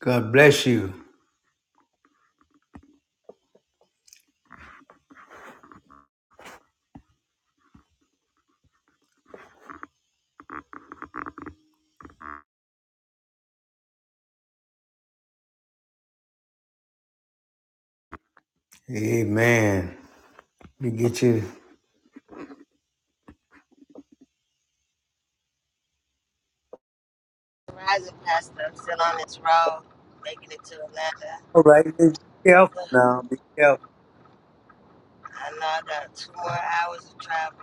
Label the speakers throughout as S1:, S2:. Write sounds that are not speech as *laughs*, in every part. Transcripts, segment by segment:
S1: God bless you. Amen. We get you.
S2: Rising Pastor, I'm still on this road, making it to Atlanta.
S1: All right. Be careful
S2: Ugh,
S1: now. Be careful.
S2: I know I got two more hours of travel.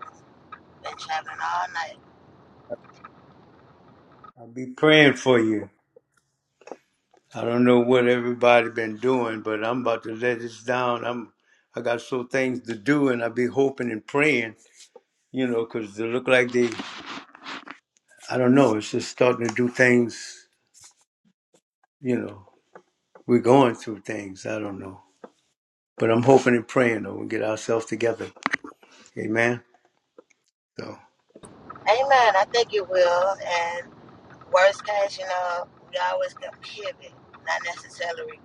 S2: Been traveling all night.
S1: I'll be praying for you. I don't know what everybody been doing, but I'm about to let this down. I'm. I got so things to do, and I be hoping and praying. You know, because they look like they. I don't know. It's just starting to do things. You know, we're going through things. I don't know, but I'm hoping and praying that we get ourselves together. Amen. So,
S2: Amen. I think it will. And worst case, you know, we always can pivot. Not necessarily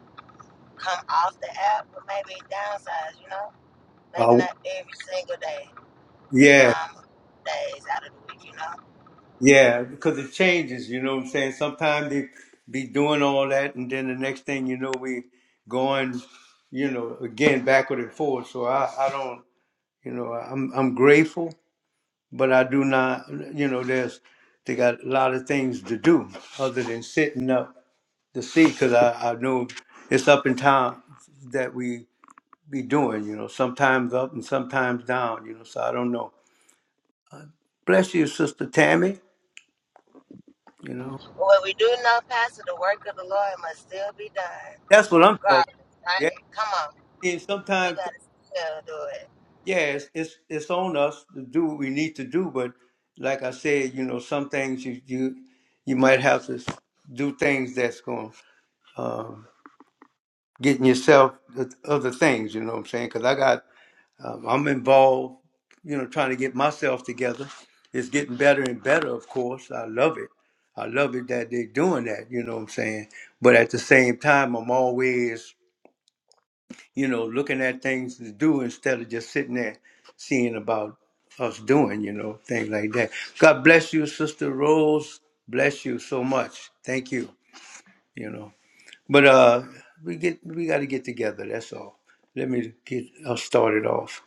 S2: come off the app, but maybe downsize, you know? Maybe
S1: uh,
S2: not every single day, but
S1: yeah,
S2: come days out of the week, you know?
S1: Yeah, because it changes, you know what I'm saying? Sometimes they be doing all that, and then the next thing you know, we going, you know, again backward and forward. So I, I don't, you know, I'm I'm grateful, but I do not, you know, there's they got a lot of things to do other than sitting up to see, because I, I know it's up and down that we be doing, you know, sometimes up and sometimes down, you know. So I don't know. Bless you, Sister Tammy. You know,
S2: But what we do know, Pastor, the work of the Lord must still be done,
S1: that's what I'm talking.
S2: regardless,
S1: yeah.
S2: right? Come on.
S1: And
S2: We
S1: sometimes,
S2: got to still do it.
S1: yeah, it's, it's it's on us to do what we need to do. But like I said, you know, some things you you you might have to do things that's going to um, getting yourself the other things. You know what I'm saying? Because I got um, I'm involved. You know, trying to get myself together. It's getting better and better. Of course, I love it. I love it that they're doing that. You know what I'm saying? But at the same time, I'm always you know, looking at things to do instead of just sitting there seeing about us doing, you know, things like that. God bless you, Sister Rose. Bless you so much. Thank you. You know, but uh, we get we got to get together. That's all. Let me get us started off.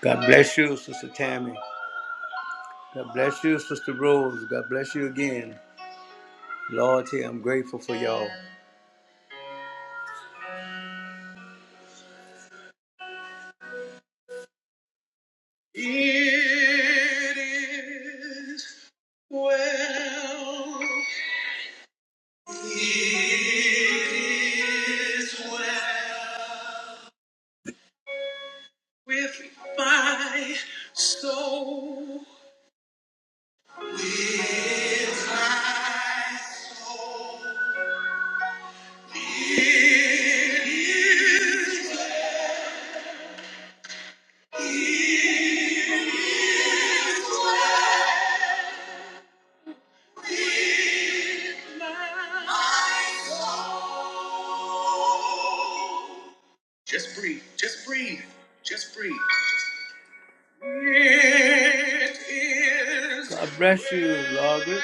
S1: God bless you, Sister Tammy. God bless you, Sister Rose. God bless you again. Lord, here I'm grateful for y'all. It is well. well. with my soul. with my soul, soul. my my soul. Just breathe. Just breathe. Just breathe. It is God bless you, Margaret.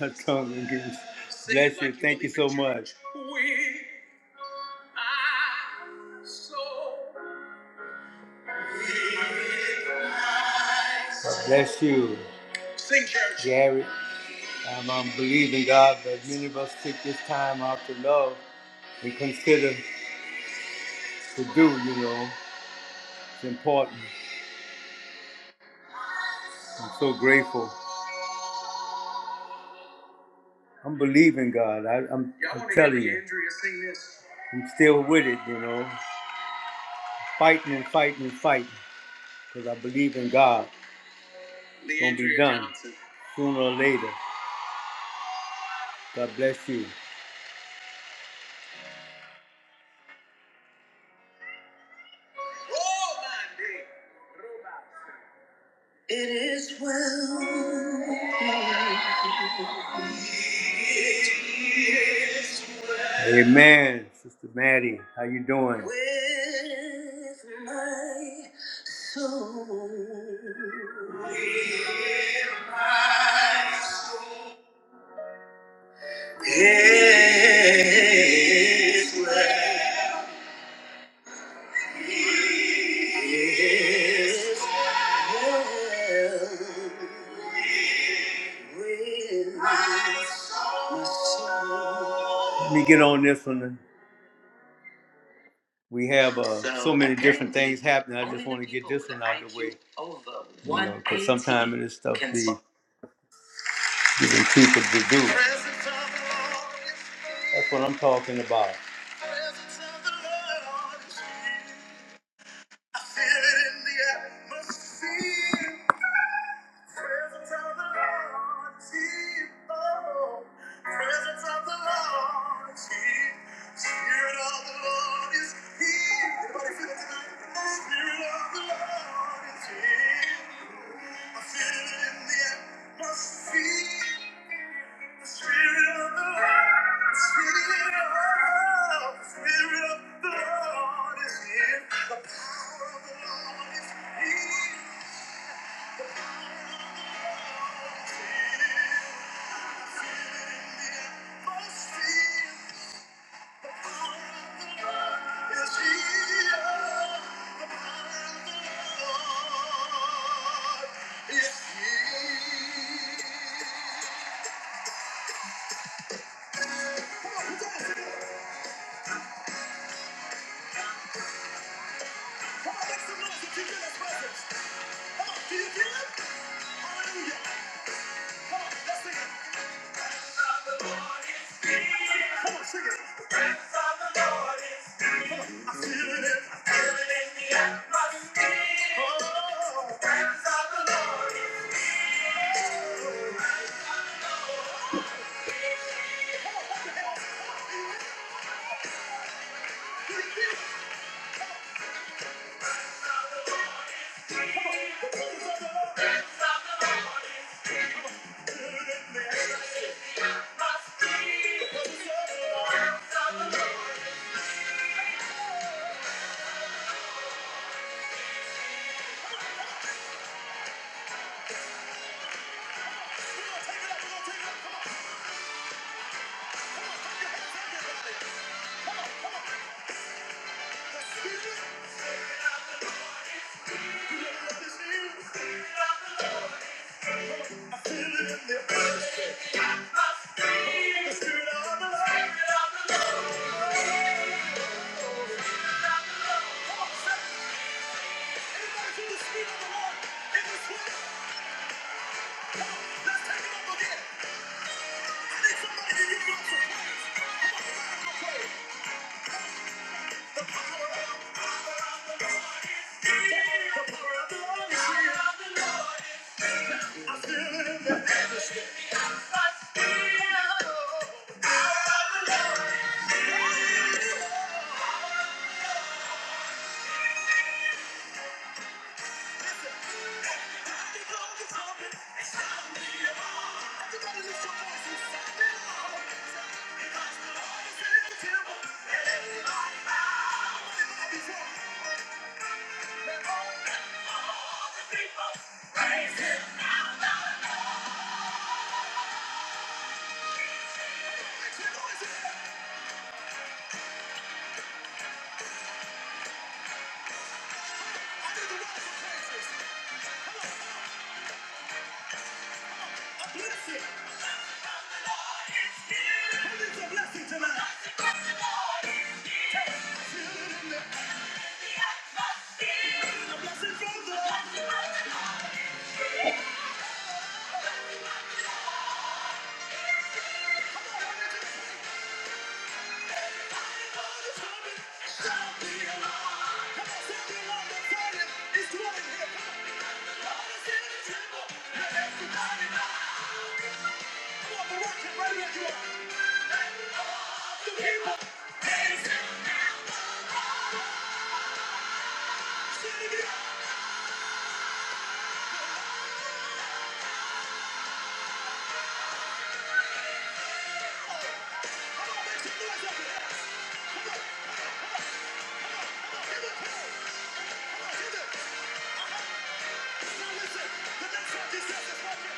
S1: My tongue again. Sing Bless you. like you Thank you believe so in church. much. With my soul. God bless you. Sing, Gary, um, I'm believing God that many of us take this time out to love and consider to do, you know. It's important. I'm so grateful. I'm believing God. I, I'm, Yeah, I am telling you. I'm still with it, you know. Fighting and fighting and fighting because I believe in God. It's going to be done Johnson. sooner or later. God bless you. Oh, It is well. Amen, Sister Maddie. How you doing? With my soul. With my soul. It is well. Yes, well, with my soul. Let me get on this one. We have uh, so, so many different things happening. I just want to get this one out of the way. you know, Because sometimes it is stuff we giving people to do. That's what I'm talking about. Feel in the atmosphere. Presence of the Lord, oh, presence of the Lord, see. Spirit of the Lord is here. Everybody feel it tonight. Spirit of the Lord. Yes, he is. Come on, sing it. The of the Lord is feeling it. in the atmosphere. Oh, the of the Lord is feeling. I feel it in the atmosphere. Feel the Spirit of the Lord. Spirit of the Lord. Everybody feel the Spirit of the Lord in this room. Yeah. Blessing a blessing tonight. A blessing from the Come on, listen, the next one Thank you.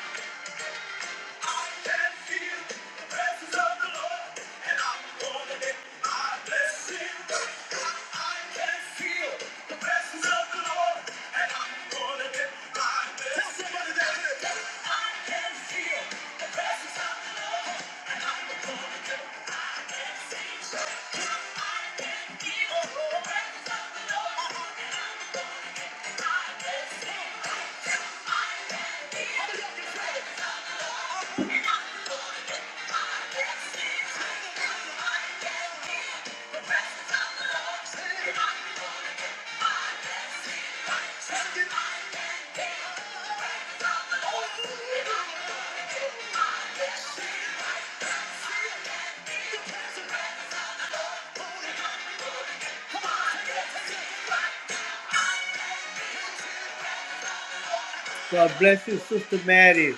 S1: God bless you, Sister Maddie.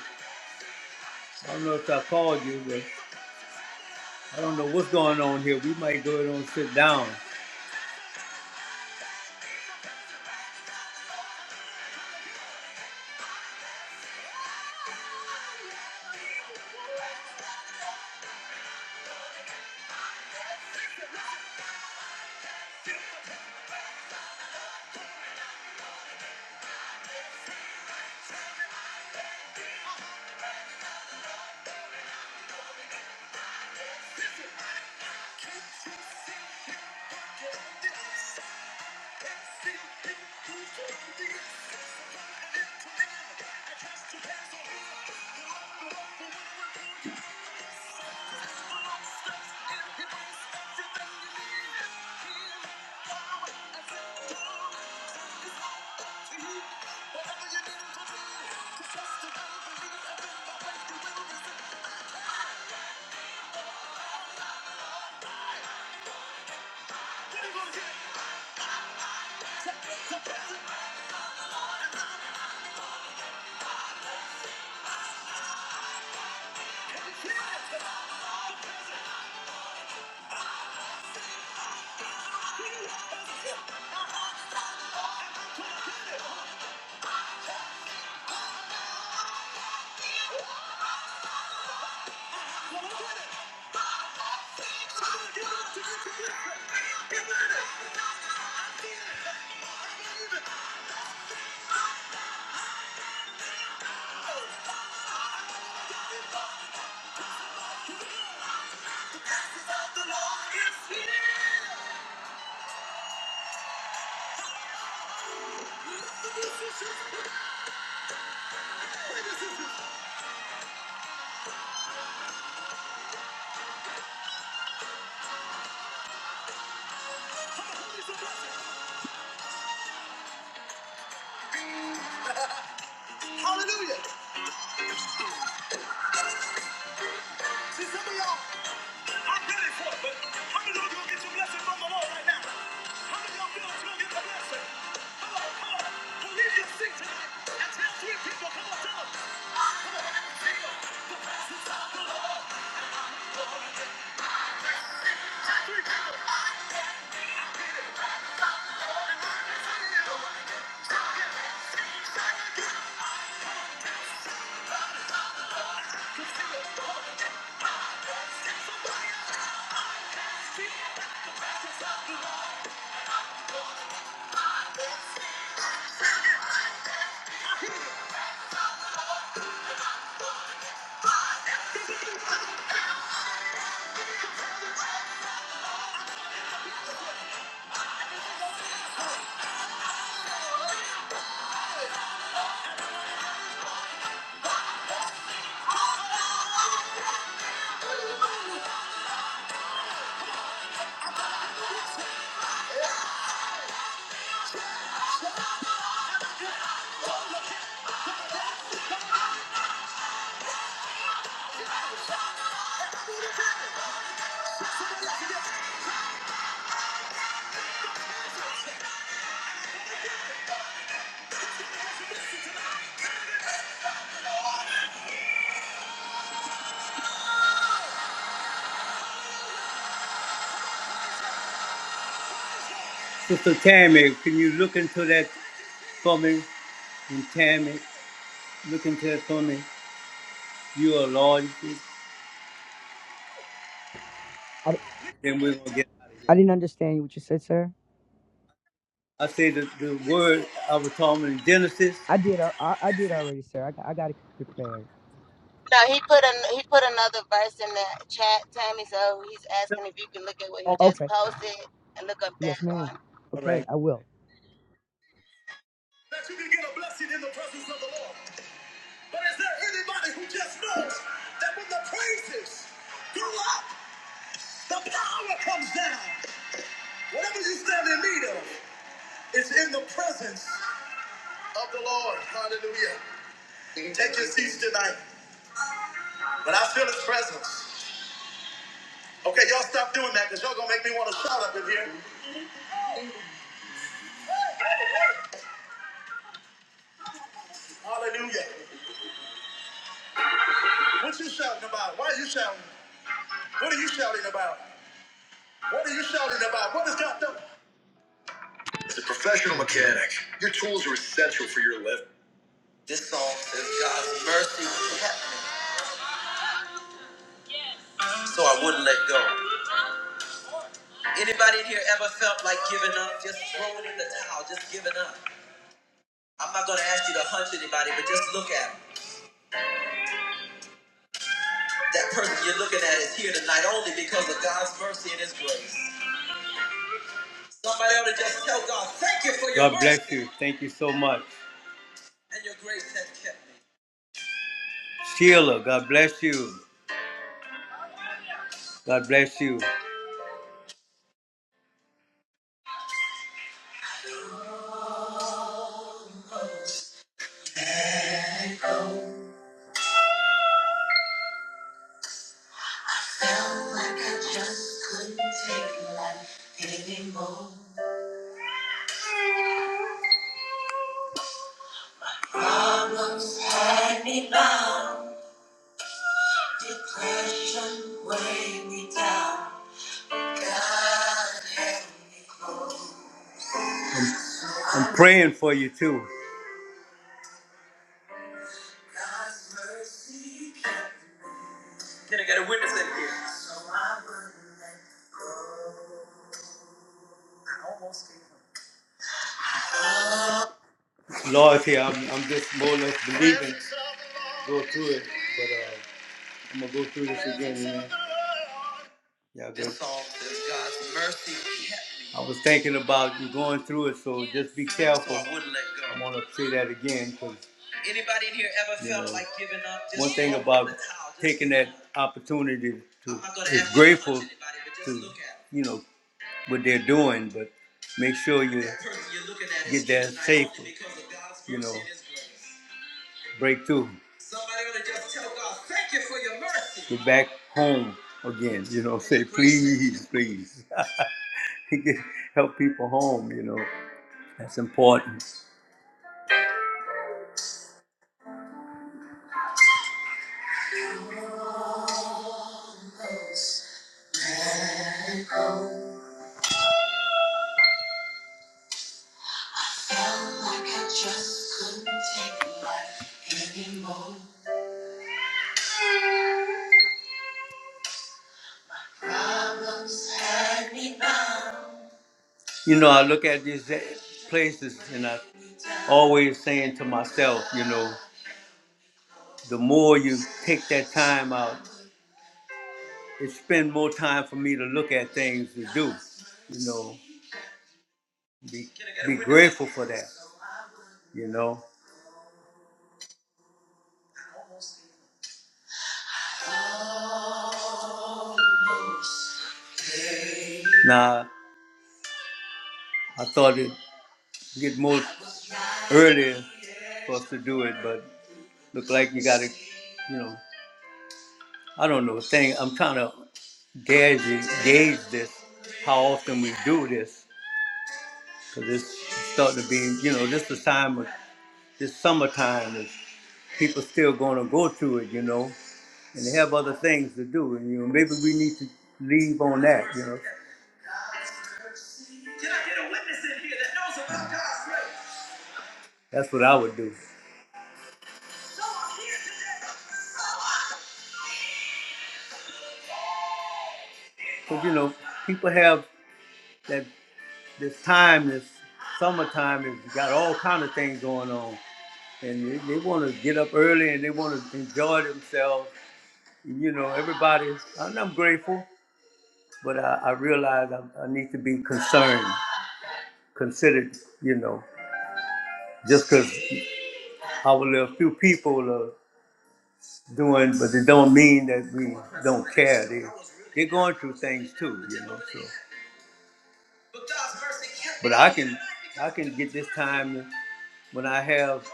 S1: I don't know if I called you, but I don't know what's going on here. We might go ahead and sit down. Hallelujah. See, some of y'all, I'm ready for it, but how many of you gonna get your blessing from the Lord right now? How many of y'all feel that you're gonna get the blessing? Come on, come on. Well, leave your seat tonight and tell three people, come on, tell them. Sister Tammy, can you look into that for me? And Tammy, look into that for me. You are Lord, you see?
S3: I,
S1: then we're gonna get out of here.
S3: I didn't understand what you said, sir.
S1: I say the, the word I was talking in Genesis.
S3: I did. al- I, I did already, sir. I, got- I got it prepared.
S2: No, he put an he put another verse in the chat, Tammy. So he's asking if you can look at what he
S1: Almost,
S2: just
S3: Okay.
S2: posted and look up that
S3: Yes, ma'am.
S2: one.
S1: all right.
S3: Okay, I will.
S1: That you can get a blessing in the presence of the Lord. But is there anybody who just knows that when the praises go up, the power comes down? Whatever you stand in need of is in the presence of the Lord. Hallelujah. Take your seats tonight. But I feel his presence. Okay, y'all stop doing that because y'all gonna make me want to shout up in here. Hallelujah. What you shouting about? Why are you shouting? What are you shouting about? What are you shouting about? What is God doing? As a professional mechanic, your tools are essential for your living. This song says God's mercy kept me, so I wouldn't let go. Anybody in here ever felt like giving up? Just throwing in the towel, just giving up. I'm not gonna ask you to hunch anybody, but just look at them. That person you're looking at is here tonight only because of God's mercy and His grace. Somebody ought to just tell God, thank you for your God bless mercy. you. Thank you so much. And your grace has kept me. Sheila, God bless you. God bless you. Felt like I just couldn't take life anymore. I'm praying for you too. Can I get a witness in here? Lord, here I'm, I'm just more or less believing, go through it, but uh, I'm gonna go through this again. You know? Yeah, this good. says God's mercy kept me. I was thinking about you going through it, so just be careful. So I wouldn't let go. I want to say that again because. Anybody in here ever felt know, like giving up? Just one thing about the towel, just- taking that opportunity to i is ask to grateful anybody, to you know what they're doing, but make sure you That get that safe. you know breakthrough. Somebody ought to just tell God, thank you for your mercy. Get back home again, you know, say, please, please. *laughs* Help people home, you know. That's important. Felt like I just couldn't take life anymore. You know, I look at these places and I always saying to myself, you know, the more you take that time out, it spend more time for me to look at things to do, you know. be, be grateful for that, you know. Now, I thought it'd get more earlier for us to do it, but look like you got to, you know, I don't know, thing. I'm trying to gauge, it- gauge this, how often we do this, because it's starting to be, you know, this is time, of, this summertime is people still going to go to it, you know, and they have other things to do, and you know, maybe we need to leave on that, you know. Can I get a witness in here that knows about God's grace? That's what I would do. Because, you know, people have that this time, this summertime, and you got all kind of things going on. And they, they want to get up early and they want to enjoy themselves. you know, everybody, and I'm grateful, but I, I realize I, I need to be concerned, considered, you know, just because our little few people are doing, but it don't mean that we don't care. They, they're going through things too, you know. so. But I can I can get this time when I have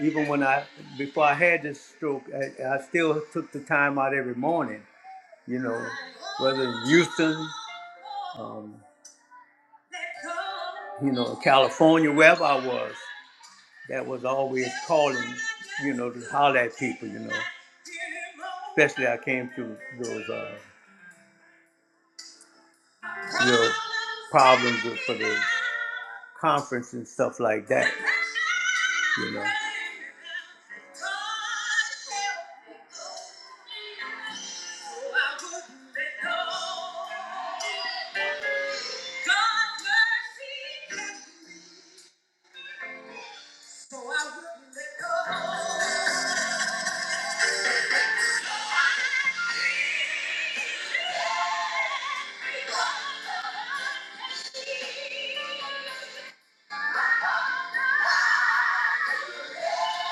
S1: even when I before I had this stroke, I, I still took the time out every morning. You know, whether in Houston, um, you know, California, wherever I was, that was always calling. You know, to holler at people. You know, especially I came through those uh, real problems with, for the conference and stuff like that. You know.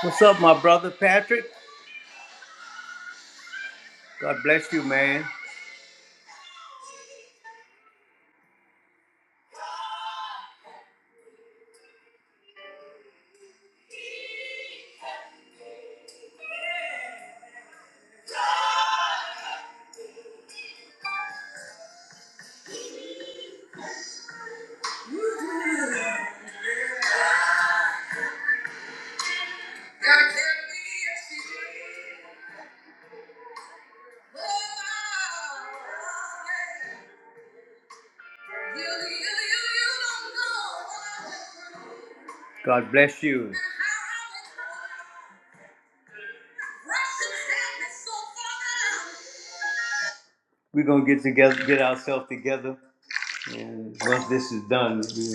S1: What's up, my brother Patrick? God bless you, man. God bless you. We're gonna get together, get ourselves together, and once this is done, we,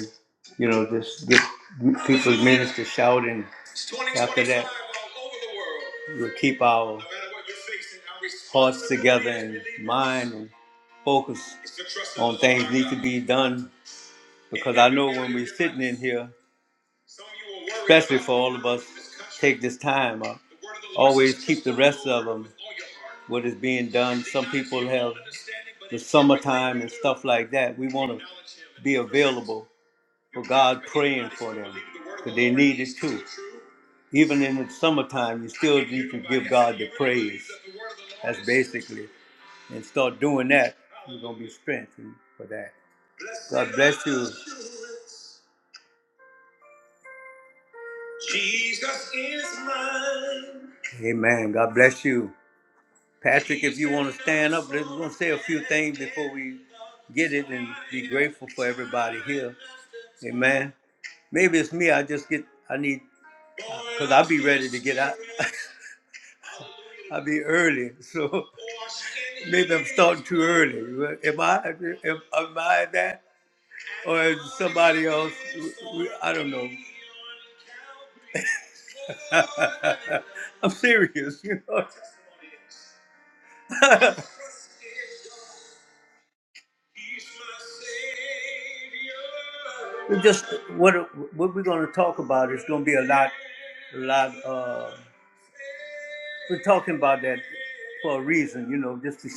S1: you know, just get people's ministers shouting. After that, we'll keep our hearts together and mind and focus on things need to be done because I know when we're sitting in here, especially for all of us, take this time up. Always keep the rest of them. What is being done? Some people have the summertime and stuff like that. We want to be available for God praying for them because they need it too. Even in the summertime, you still need to give God the praise. That's basically, and start doing that. You're gonna be strengthened for that. God bless you. Amen. God bless you. Patrick, if you want to stand up, let's going to say a few things before we get it and be grateful for everybody here. Amen. Maybe it's me. I just get, I need, because I'll be ready to get out. *laughs* I'll be early. So *laughs* maybe I'm starting too early. Am I, am, am I that? Or is somebody else? I don't know. *laughs* I'm serious, you know. we just what what we're going to talk about is going to be a lot, a lot. Uh, we're talking about that for a reason, you know, just to,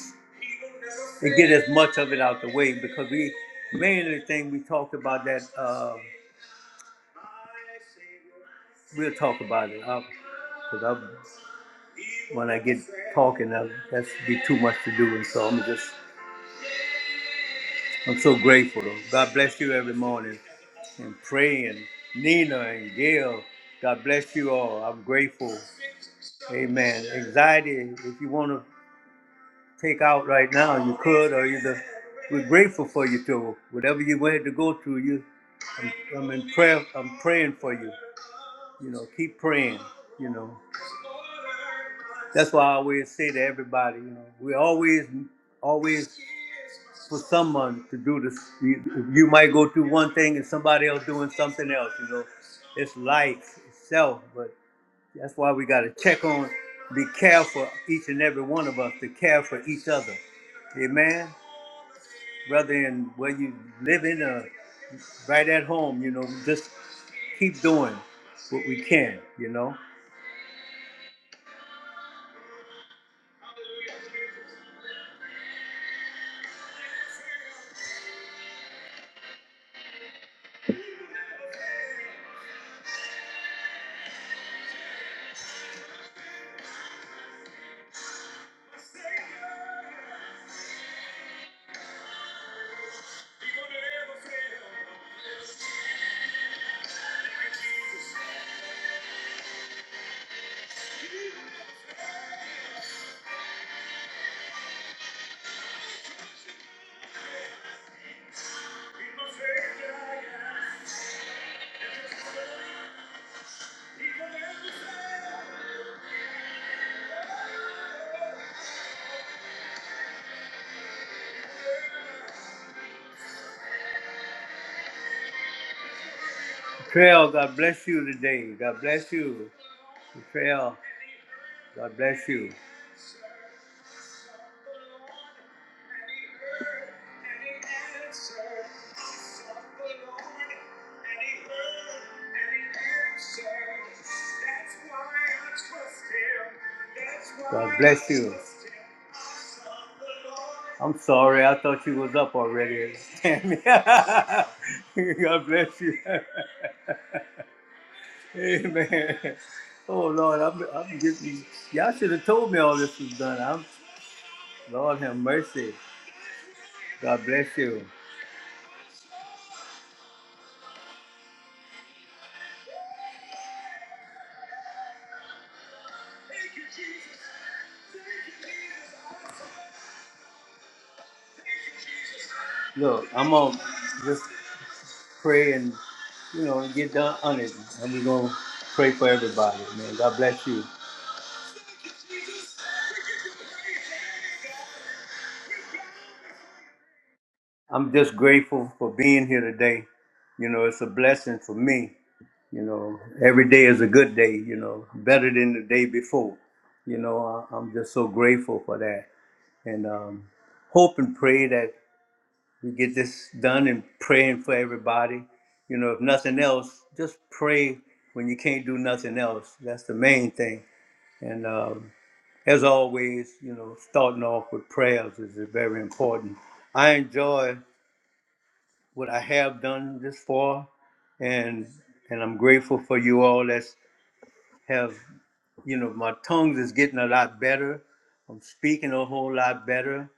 S1: to get as much of it out the way because we mainly thing we talk about that. Uh, we'll talk about it because I, when I get talking, I, that's be too much to do, and so I'm just I'm so grateful. God bless you every morning. And praying, Nina and Gail, God bless you all. I'm grateful. Amen. Anxiety, if you want to take out right now, you could, or you just, we're grateful for you too. Whatever you had to go through, you, I'm, I'm in prayer. I'm praying for you. You know, keep praying. You know, that's why I always say to everybody, you know, we always, always for someone to do this. You, you might go through one thing and somebody else doing something else. You know, it's life itself, but that's why we got to check on, be careful, each and every one of us to care for each other. Amen. Whether in where you live in or right at home, you know, just keep doing what we can. You know. Trail, God bless you today. God bless you. Trail, God bless you. God bless you. I'm sorry, I thought you was up already. *laughs* God bless you. *laughs* Amen. Oh Lord, I'm, I'm getting. Y'all should have told me all this was done. I'm Lord have mercy. God bless you. Look, I'm gonna just pray and you know and get done on it. And we're gonna pray for everybody, man. God bless you. I'm just grateful for being here today. You know, it's a blessing for me. You know, every day is a good day. You know, better than the day before. You know, I, I'm just so grateful for that, and um, hope and pray that we get this done and praying for everybody. You know, if nothing else, just pray when you can't do nothing else. That's the main thing. And um, as always, you know, starting off with prayers is very important. I enjoy what I have done this far, and and I'm grateful for you all that's have you know my tongues is getting a lot better. I'm speaking a whole lot better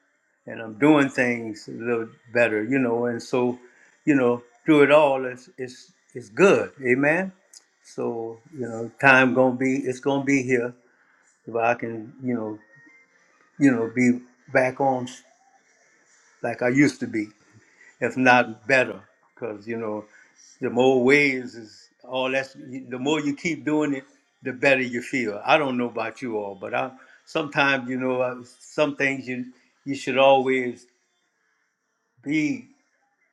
S1: and I'm doing things a little better, you know. And so, you know, through it all, it's it's it's good, amen. So, you know, time gonna be it's gonna be here if I can, you know, you know, be back on like I used to be, if not better, because you know, the more ways is all that's the more you keep doing it, the better you feel. I don't know about you all, but I sometimes you know I- some things you you should always be.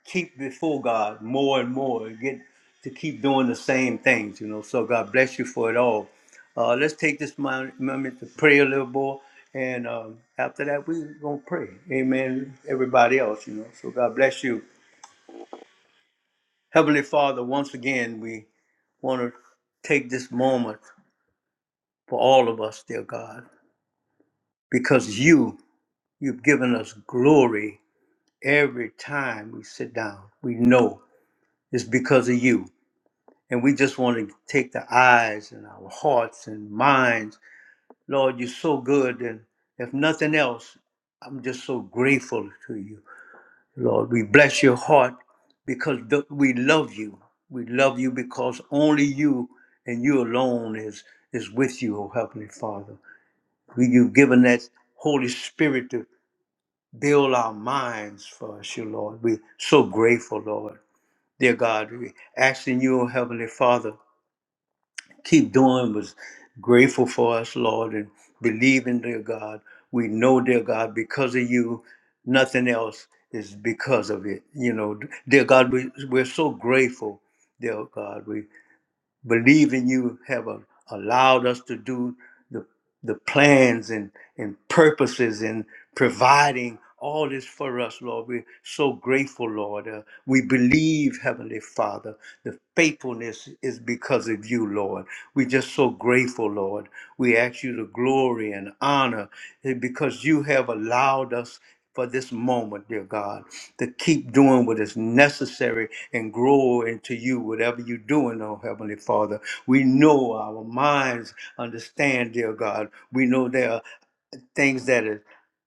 S1: keep before God more and more, get to keep doing the same things, you know. So God bless you for it all. Uh, let's take this mo- moment to pray a little more, and um, after that, we're gonna pray. Amen. Everybody else, you know. So God bless you, Heavenly Father. Once again, we want to take this moment for all of us, dear God, because you you've given us glory every time we sit down. We know it's because of you And we just want to take the eyes and our hearts and minds. Lord, you're so good. And if nothing else, I'm just so grateful to you. Lord, we bless your heart because th- we love you. We love you because only you and you alone is, is with you, oh Heavenly Father. We, you've given that Holy Spirit to build our minds for us, you Lord. We're so grateful, Lord. Dear God, we asking you, oh Heavenly Father, keep doing was grateful for us, Lord, and believing, dear God. We know, dear God, because of you, nothing else is because of it. You know, dear God, we, we're so grateful, dear God believe in you have a, allowed us to do the, the plans and, and purposes and providing all this for us, Lord. We're so grateful, Lord. Uh, we believe, Heavenly Father, the faithfulness is because of you, Lord. We're just so grateful, Lord. We ask you the glory and honor eh, because you have allowed us for this moment, dear God, to keep doing what is necessary and grow into you, whatever you're doing, oh Heavenly Father. We know our minds understand, dear God. We know there are things that are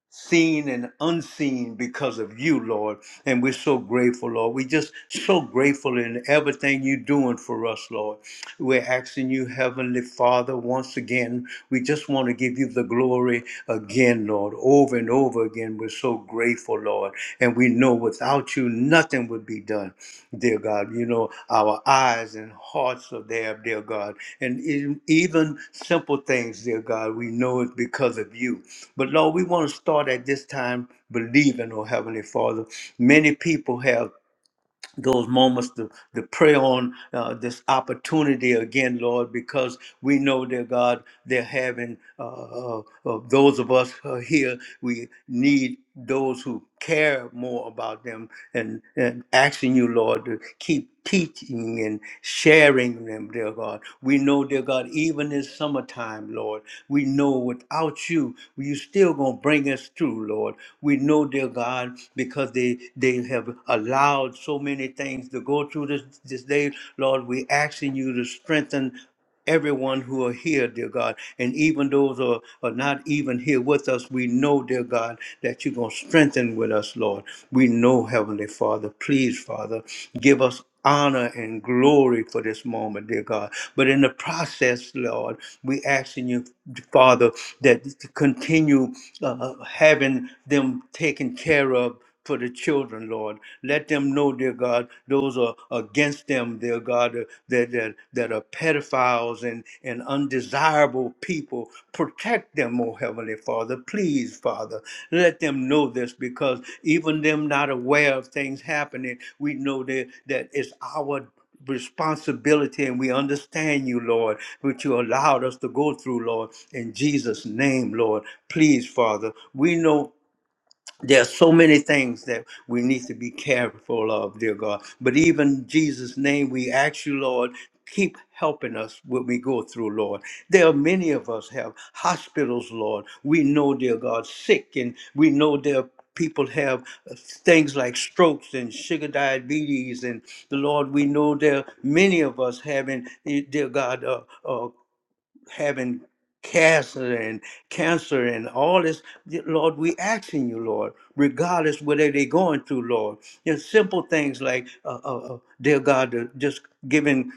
S1: seen and unseen because of you, Lord. And we're so grateful, Lord. We're just so grateful in everything you're doing for us, Lord. We're asking you, Heavenly Father, once again, we just want to give you the glory again, Lord, over and over again. We're so grateful, Lord. And we know without you, nothing would be done, dear God. You know, our eyes and hearts are there, dear God. And e- even simple things, dear God, we know it's because of you. But Lord, we want to start at this time believing, oh Heavenly Father. Many people have those moments to, to pray on uh, this opportunity again, Lord, because we know, dear God, they're having uh, uh, uh, those of us who here, we need those who care more about them and, and asking you, Lord, to keep teaching and sharing them, dear God. We know, dear God, even in summertime, Lord, we know without you, you still going to bring us through, Lord. We know, dear God, because they, they have have allowed so many things to go through this, this day. Lord, we asking you to strengthen everyone who are here, dear God. And even those who are, are not even here with us, we know, dear God, that you're going to strengthen with us, Lord. We know, Heavenly Father, please, Father, give us honor and glory for this moment, dear God. But in the process, Lord, we asking you, Father, that to continue uh, having them taken care of for the children, Lord. Let them know, dear God, those are against them, dear God, uh, that that, that are pedophiles and, and undesirable people. Protect them, oh Heavenly Father. Please, Father, let them know this because even them not aware of things happening, we know that, that it's our responsibility and we understand you, Lord, which you allowed us to go through, Lord. In Jesus' name, Lord, please, Father, we know there are so many things that we need to be careful of, dear God. But even in Jesus' name, we ask you, Lord, keep helping us when we go through, Lord. There are many of us have hospitals, Lord. We know, dear God, sick, and we know there are people have uh, things like strokes and sugar diabetes and the lord we know there are many of us having eh, dear god uh, uh, having cancer and cancer and all this. Lord, we asking you, Lord, regardless whether they're going through, Lord, just simple things like, uh, uh, uh, dear God, uh, just giving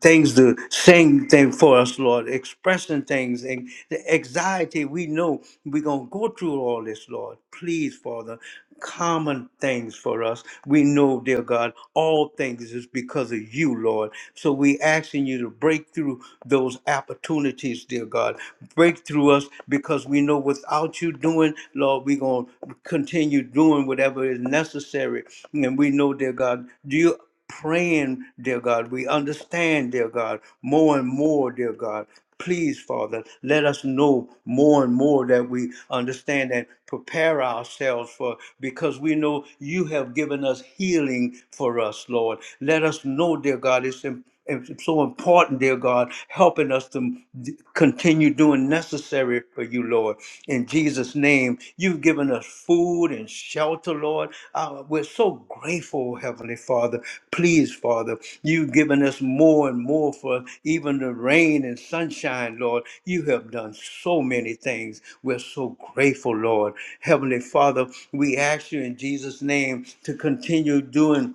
S1: things to sing thing for us, Lord, expressing things and the anxiety we know we're gonna go through all this, Lord. Please, Father, common things for us. We know, dear God, all things is because of you, Lord. So we asking you to break through those opportunities, dear God. Break through us because we know without you doing, Lord, we're gonna continue doing whatever is necessary. And we know, dear God, you praying, dear God. We understand, dear God, more and more, dear God. Please, Father, let us know more and more that we understand and prepare ourselves for because we know you have given us healing for us, Lord. Let us know, dear God, it's it's so important, dear God, helping us to d- continue doing necessary for you, Lord. In Jesus' name, you've given us food and shelter, Lord. Uh, we're so grateful, Heavenly Father. Please, Father, you've given us more and more for even the rain and sunshine, Lord. You have done so many things. We're so grateful, Lord. Heavenly Father, we ask you in Jesus' name to continue doing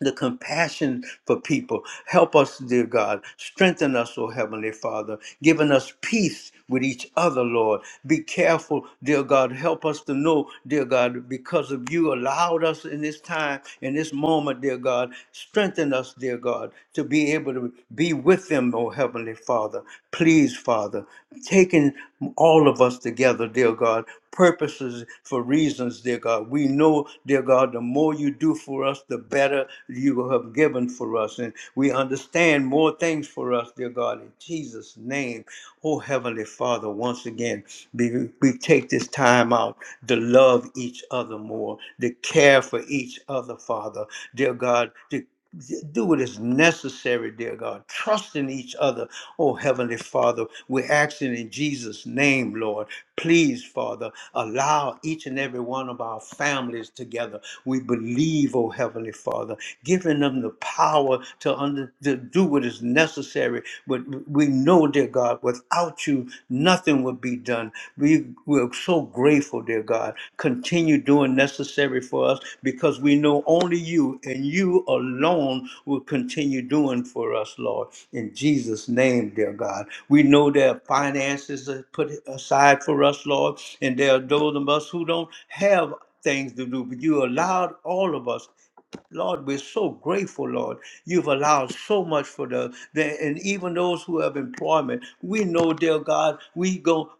S1: the compassion for people. Help us, dear God. Strengthen us, O Heavenly Father, giving us peace with each other, Lord. Be careful, dear God. Help us to know, dear God, because of you allowed us in this time, in this moment, dear God. Strengthen us, dear God, to be able to be with them, O Heavenly Father. Please, Father, taking all of us together, dear God purposes for reasons, dear God. We know, dear God, the more you do for us, the better you have given for us. And we understand more things for us, dear God. In Jesus' name, oh Heavenly Father, once again, we, we take this time out to love each other more, to care for each other, Father, dear God, to do what is necessary, dear God. Trust in each other. Oh, Heavenly Father, we're asking in Jesus' name, Lord. Please, Father, allow each and every one of our families together. We believe, oh Heavenly Father, giving them the power to, under, to do what is necessary. But we know, dear God, without you, nothing kingdom will be done. We, we're so grateful, dear God. Continue doing necessary for us because we know only you and you alone will continue doing for us, Lord. In Jesus' name, dear God. We know there are finances that are put aside for us, Lord, and there are those of us who don't have things to do, but you allowed all of us. Lord, we're so grateful, Lord. You've allowed so much for the, the and even those who have employment. We know, dear God, we go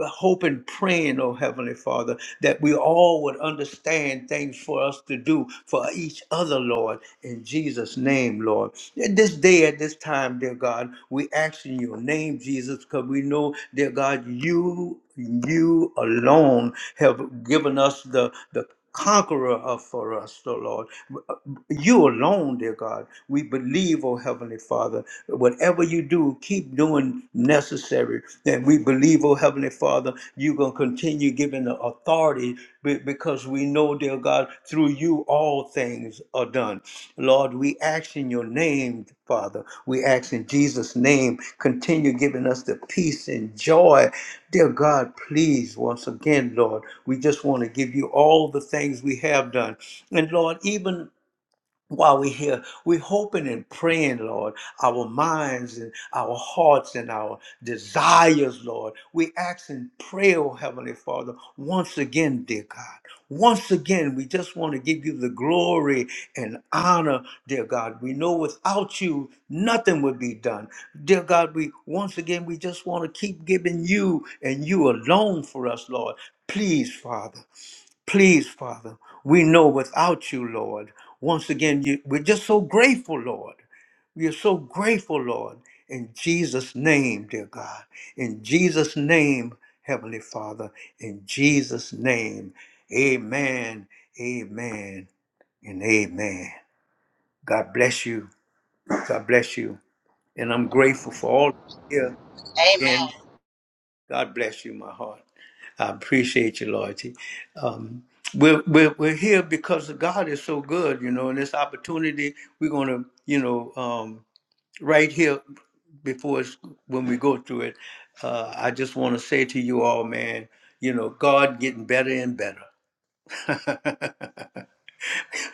S1: hope and praying, oh Heavenly Father, that we all would understand things for us to do for each other, Lord, in Jesus' name, Lord. At this day, at this time, dear God, we ask in your name, Jesus, because we know, dear God, you you alone have given us the the conqueror of for us, O Lord. You alone, dear God. We believe, O Heavenly Father, whatever you do, keep doing necessary. And we believe, O Heavenly Father, you're going to continue giving the authority be- because we know, dear God, through you through you all things are done. Lord, we ask in your name, Father. We ask in Jesus' name, continue giving us the peace and joy. Dear God, please, once again, Lord, we just want to give you all the things we have done. And Lord, even while we're here, we're hoping and praying, Lord, our minds and our hearts and our desires, Lord. We ask and pray, oh Heavenly Father, once again, dear God. Once again, we just want to give you the glory and honor, dear God. We know without you, nothing would be done. Dear God, we once again, we just want to keep giving you and you alone for us, Lord. Please, Father. Please, Father, we know without you, Lord, once again, you, we're just so grateful, Lord. We are so grateful, Lord, in Jesus' name, dear God. In Jesus' name, Heavenly Father, in Jesus' name. Amen, amen, and amen. God bless you. God bless you. And I'm grateful for all here.
S2: Amen.
S1: Again, God bless you, my heart. I appreciate you, loyalty. Um, we're, we're, we're here because God is so good, you know, and this opportunity, we're going to, you know, um, right here before it's, when we go through it, uh, I just want to say to you all, man, you know, God getting better and better.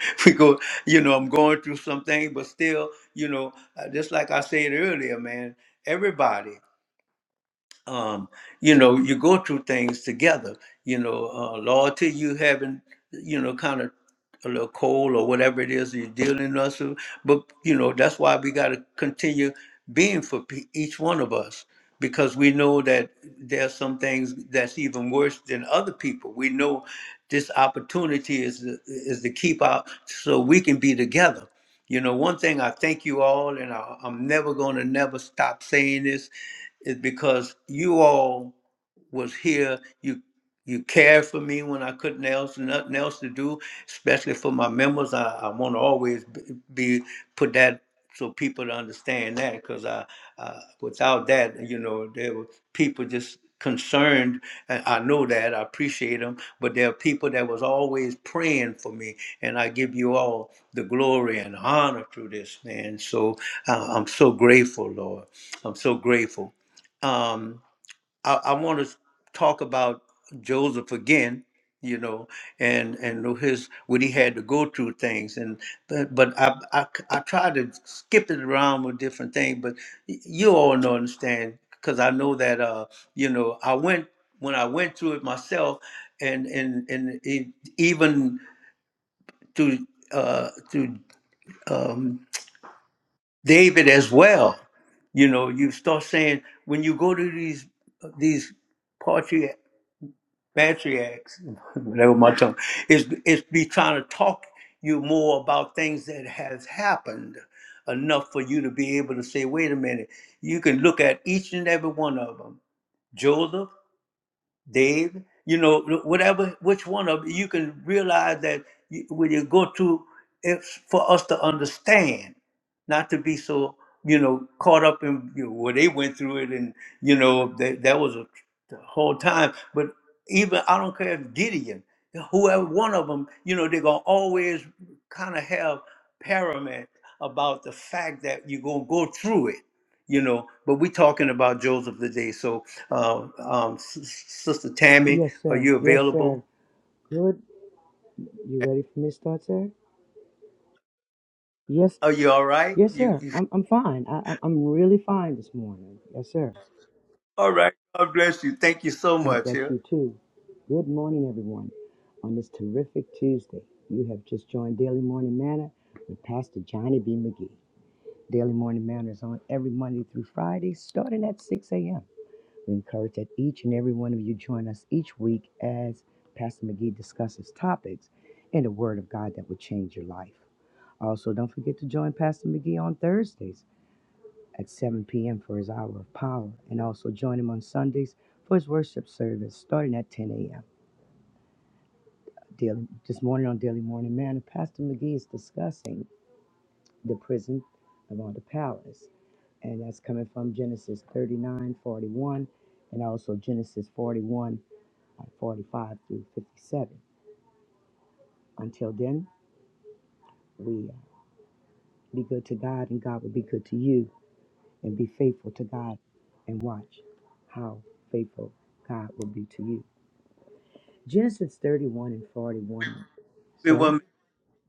S1: *laughs* we go, you know, I'm going through something, but still, you know, uh, just like I said earlier, man, everybody. um, you know, you go through things together. You know, uh, loyalty, you having, you know, kind of a little cold or whatever it is you're dealing us with. But you know, that's why we got to continue being for pe- each one of us because we know that there's some things that's even worse than other people. We know this opportunity is is to keep out so we can be together. You know, one thing I thank you all, and I, I'm never going to never stop saying this is because you all was here. You you cared for me when I couldn't else nothing else to do, especially for my members. I, I want to always b- be put that so people to understand that because I, I without that you know there were people just concerned and I know that I appreciate them but there are people that was always praying for me and I give you all the glory and honor through this man so uh, I'm so grateful Lord I'm so grateful um, I, I want to talk about Joseph again, you know, and and his what he had to go through things, and but, but I, I I try to skip it around with different things, but y- you all know understand because I know that uh you know I went when I went through it myself, and and and it, even to uh to um, David as well. You know, you start saying when you go to these these patriarch, patriarchs, *laughs* whatever my tongue, is is be trying to talk you more about things that has happened enough for you to be able to say, wait a minute. You can look at each and every one of them. Joseph. Dave. You know, whatever, which one of you can realize that you, when you go to, it's for us to understand, not to be so you know caught up in you know, well they went through it and you know that that was a the whole time. But even I don't care if Gideon, whoever one of them, you know, they're gonna always kind of have paramount about the fact that you're gonna go through it, you know. But we're talking about Joseph today, so uh, um, S- S- Sister Tammy,
S3: Yes,
S1: are
S3: sir.
S1: you
S3: Yes, sir.
S1: available?
S3: Good. You ready for me to start, sir? Yes.
S1: Are you all right?
S3: Yes,
S1: You,
S3: sir.
S1: you
S3: I'm, I'm fine. I, I- I'm really fine this morning. Yes, sir.
S1: *laughs* all right? God bless you. Thank you so
S3: God
S1: much.
S3: bless
S1: Yeah.
S3: you, too. Good morning, everyone. On this terrific Tuesday, you have just joined Daily Morning Manna with Pastor Johnny B. McGee. Daily Morning Manna is on every Monday through Friday, starting at 6 a.m. We encourage that each and every one of you join us each week as Pastor McGee discusses topics in the Word of God that will change your life. Also, don't forget to join Pastor McGee on Thursdays at 7 p.m. for his hour of power, and also join him on Sundays for his worship service starting at 10 a.m. Daily, this morning on Daily Morning Manna, Pastor McGee is discussing the prison of all the palace, and that's coming from Genesis 39:41 and also Genesis 41 like 45 through 57. Until then, we uh, be good to God and God will be good to you and be faithful to God and watch how faithful God will be to you. Genesis 31 and 41,
S1: Wait one
S3: sir.
S1: minute.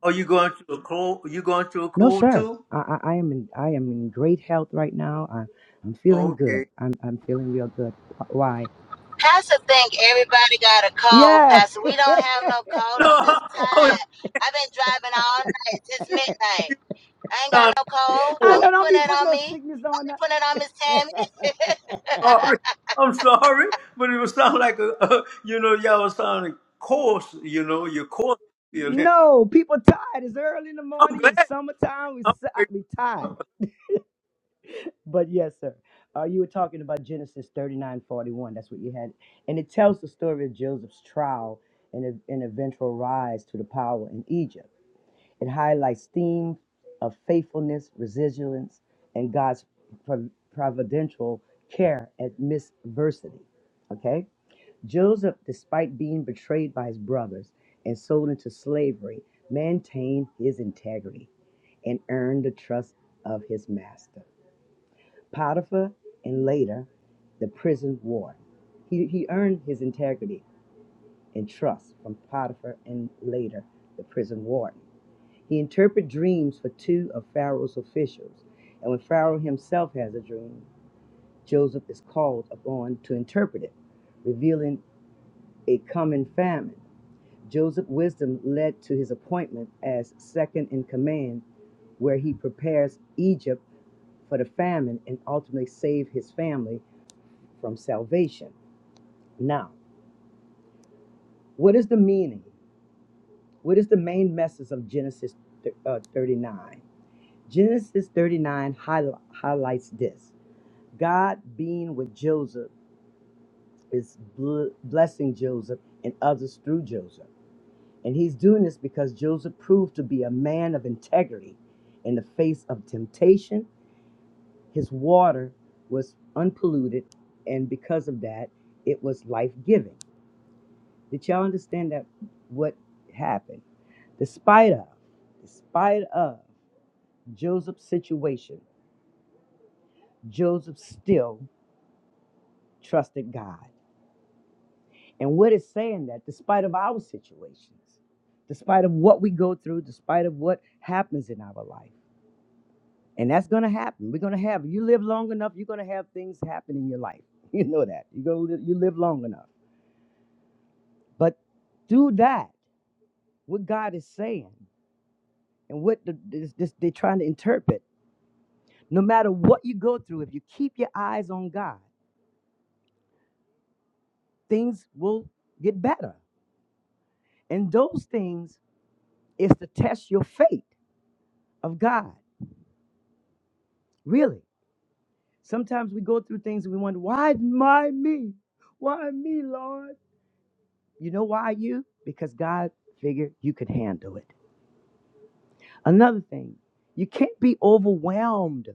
S1: Are you going through a cold? you going through a
S3: No,
S1: cold
S3: sir.
S1: too?
S3: I, I, I am in I am in great health right now. I, I'm feeling
S1: Okay.
S3: good. I'm I'm feeling real good. Wh- Why?
S2: Pastor think everybody got a cold,
S3: Yeah.
S2: Pastor.
S3: *laughs*
S2: We don't have no cold.
S1: No, *laughs*
S2: I'm
S1: I
S2: just
S1: was just
S2: tired. I've been driving all night since midnight. I ain't got
S1: sounding
S2: no cold.
S3: I
S2: Don't
S1: cold.
S3: know.
S2: be
S3: Don't
S2: putting
S3: be
S2: that
S3: putting
S2: on
S3: no
S2: me.
S3: sickness
S2: Don't
S3: on
S2: be putting it on Miss
S3: us.
S2: Tammy.
S3: *laughs*
S1: Sorry.
S2: *laughs*
S1: I'm sorry, but it was sound like a, *laughs* you know, y'all was sounding coarse. You know, you're coarse feeling. *laughs*
S3: No, people tired. It's early in the
S1: I'm
S3: morning. It's
S1: glad.
S3: summertime. We si- we tired. But yes, sir. Uh, you were talking about Genesis thirty nine forty one. That's what you had, and it tells the story of Joseph's trial and ev- and eventual rise to the power in Egypt. It highlights themes of faithfulness, resilience, and God's prov- providential care amidst adversity. Okay. Joseph, despite being betrayed by his brothers and sold into slavery, maintained his integrity and earned the trust of his master. Potiphar and later the prison warden. He, he earned his integrity and trust from Potiphar and later the prison warden. He interpreted dreams for two of Pharaoh's officials, and when Pharaoh himself has a dream, Joseph is called upon to interpret it, revealing a coming famine. Joseph's wisdom led to his appointment as second in command, where he prepares Egypt for the famine and ultimately save his family from salvation. Now, what is the meaning? What is the main message of Genesis uh, 39? Genesis 39 highli- highlights this God being with Joseph is bl- blessing Joseph and others through Joseph. And he's doing this because Joseph proved to be a man of integrity. In the face of temptation, his water was unpolluted, and because of that, it was life giving. Did y'all understand that what happened? Despite of, despite of Joseph's situation, Joseph still trusted God. And what it's saying that despite of our situations, despite of what we go through, despite of what happens in our life. And that's gonna happen. We're gonna have you live long enough, you're gonna have things happen in your life. *laughs* You know that. You're gonna live, you live long enough. But through that, what God is saying and what the, this, this, they're trying to interpret, no matter what you go through, if you keep your eyes on God, things will get better. And those things is to test your faith of God. Really. Sometimes we go through things and we wonder, why my me? Why me, Lord? You know why you? Because God figured you could handle it. Another thing, you can't be overwhelmed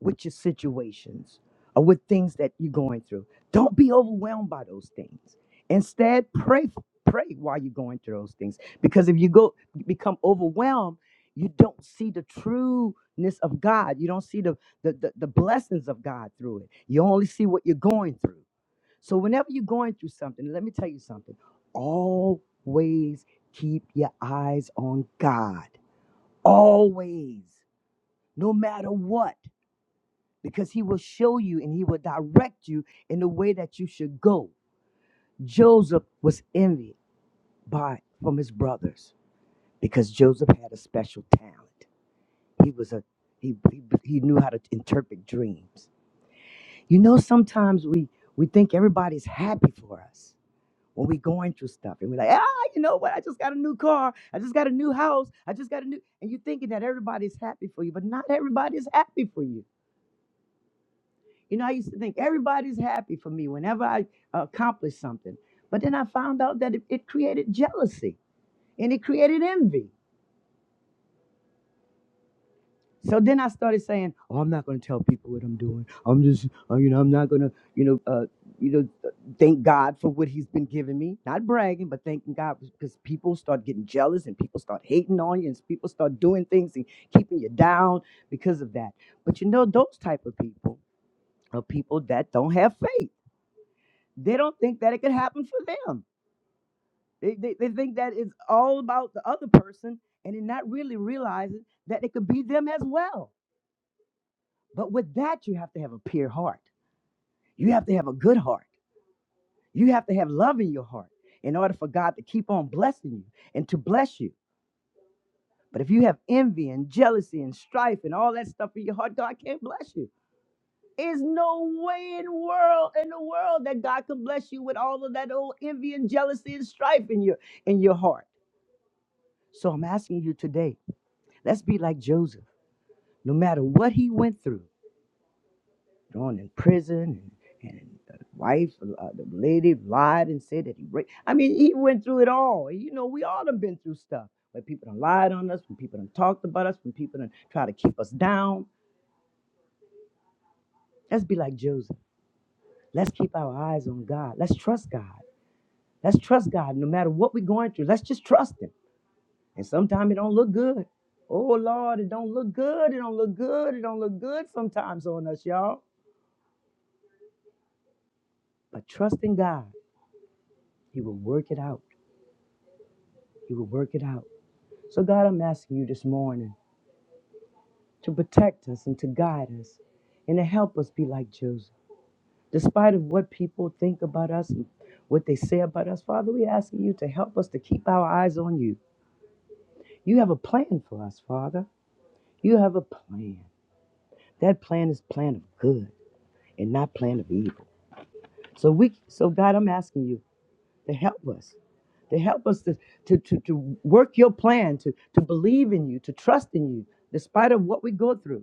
S3: with your situations or with things that you're going through. Don't be overwhelmed by those things. Instead, pray pray while you're going through those things because if you go become overwhelmed, you don't see the trueness of God. You don't see the the, the, the blessings of God through it. You only see what you're going through. So whenever you're going through something, let me tell you something. Always keep your eyes on God. Always. No matter what. Because he will show you and he will direct you in the way that you should go. Joseph was envied by from his brothers because Joseph had a special talent. He was a he, he, he knew how to interpret dreams. You know, sometimes we, we think everybody's happy for us. when we going through stuff and we're like, ah, you know what? I just got a new car. I just got a new house. I just got a new. And you're thinking that everybody's happy for you, but not everybody's happy for you. You know, I used to think everybody's happy for me whenever I accomplished something. But then I found out that it, it created jealousy and it created envy. So then I started saying, "Oh, I'm not going to tell people what I'm doing. I'm just, uh, you know, I'm not going to, you know, uh, you know, uh, thank God for what He's been giving me. Not bragging, but thanking God because people start getting jealous and people start hating on you and people start doing things and keeping you down because of that. But you know, those type of people are people that don't have faith. They don't think that it could happen for them. They they, they think that it's all about the other person, and they're not really realizing that it could be them as well But with that, you have to have a pure heart. You have to have a good heart. You have to have love in your heart in order for God to keep on blessing you and to bless you. But if you have envy and jealousy and strife and all that stuff in your heart, God can't bless you. There's no way in the world in the world that God can bless you with all of that old envy and jealousy and strife in your in your heart. So I'm asking you today, let's be like Joseph. No matter what he went through, thrown in prison, and, and the wife, uh, the lady lied and said that he raped. I mean, he went through it all. You know, we all done been through stuff where people done lied on us, when people done talked about us, when people done try to keep us down. Let's be like Joseph. Let's keep our eyes on God. Let's trust God. Let's trust God no matter what we're going through. Let's just trust Him. And sometimes it don't look good. Oh Lord, it don't look good. It don't look good. It don't look good sometimes on us, y'all. But trust in God. He will work it out. He will work it out. So, God, I'm asking you this morning to protect us and to guide us and to help us be like Joseph. Despite of what people think about us and what they say about us, Father, we asking you to help us to keep our eyes on you. You have a plan for us, Father. You have a plan. That plan is plan of good and not plan of evil. So we so God, I'm asking you to help us to help us to, to, to, to work your plan, to, to believe in you, to trust in you, despite of what we go through.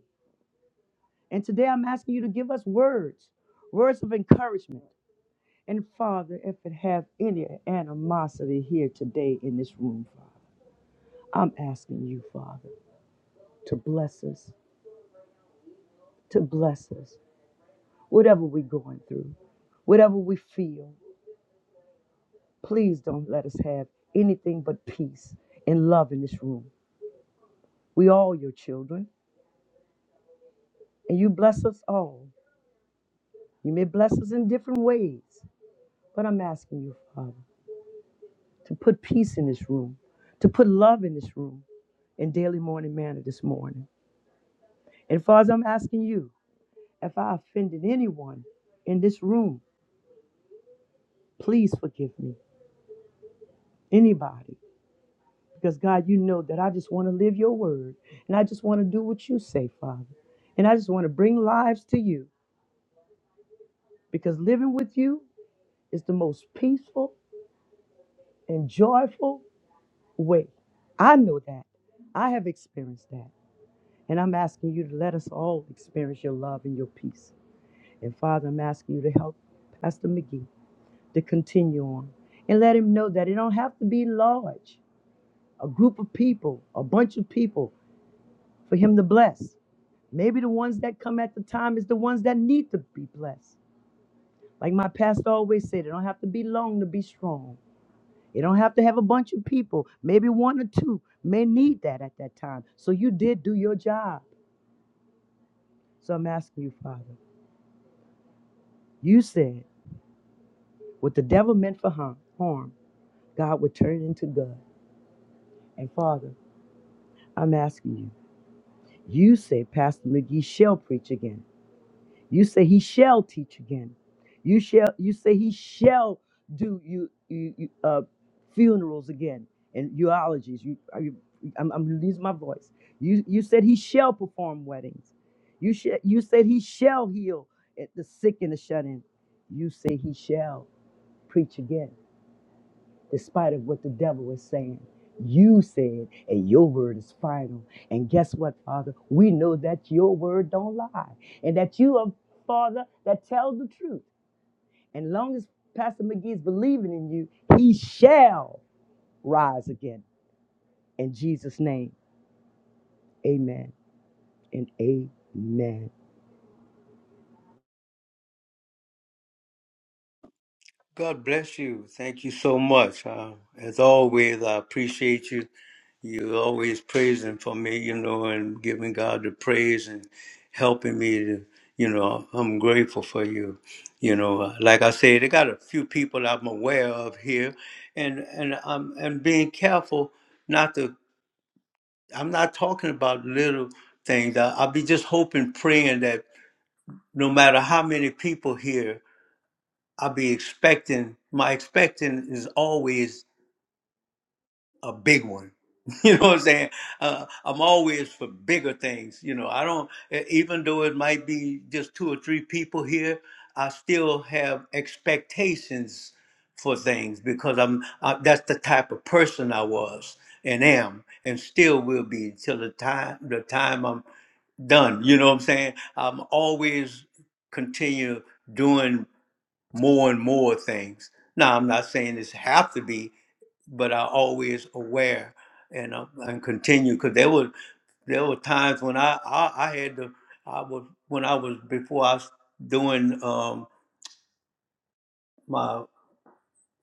S3: And today I'm asking you to give us words, words of encouragement. And Father, if it have any animosity here today in this room, Father, I'm asking you, Father, to bless us, to bless us, whatever we're going through, whatever we feel. Please don't let us have anything but peace and love in this room. We all your children, and you bless us all. You may bless us in different ways, but I'm asking you, Father. to put peace in this room, to put love in this room in daily morning manner this morning. And Father, I'm asking you, if I offended anyone in this room, please forgive me, anybody. Because God, you know that I just want to live your word and I just want to do what you say, Father. And I just want to bring lives to you because living with you is the most peaceful and joyful way. I know that. I have experienced that. And I'm asking you to let us all experience your love and your peace. And Father, I'm asking you to help Pastor McGee to continue on and let him know that it don't have to be large, a group of people, a bunch of people for him to bless. Maybe the ones that come at the time is the ones that need to be blessed. Like my pastor always said, it don't have to be long to be strong. It don't have to have a bunch of people. Maybe one or two may need that at that time. So you did do your job. So I'm asking you, Father. You said What the devil meant for harm, harm, God would turn it into good. And Father, I'm asking you, you say Pastor McGee shall preach again. You say he shall teach again. You shall you say he shall do you, you, you uh, funerals again and eulogies. You, are you I'm, I'm losing my voice. You you said he shall perform weddings. You sh- you said he shall heal at the sick and the shut in. You say he shall preach again. despite of what the devil is saying. You said, and your word is final. And guess what, Father? We know that your word don't lie, and that you are Father that tells the truth. And long as Pastor McGee is believing in you, he shall rise again. In Jesus' name, Amen and Amen.
S1: God bless you. Thank you so much. Uh, as always, I appreciate you. you always praising for me, you know, and giving God the praise and helping me to, you know, I'm grateful for you. You know, uh, like I said, they got a few people I'm aware of here, and and I'm and being careful not to. I'm not talking about little things. I, I'll be just hoping, praying that no matter how many people here I'll be expecting. My expecting is always a big one. *laughs* You know what I'm saying? Uh, I'm always for bigger things. You know, I don't. e- Even though it might be just two or three people here, I still have expectations for things because I'm. I, that's the type of person I was and am, and still will be till the time the time I'm done. You know what I'm saying? I'm always continue doing more and more things. Now, I'm not saying this have to be, but I always aware and uh, and continue because there were there were times when I, I I had to I was when I was before I was doing um, my.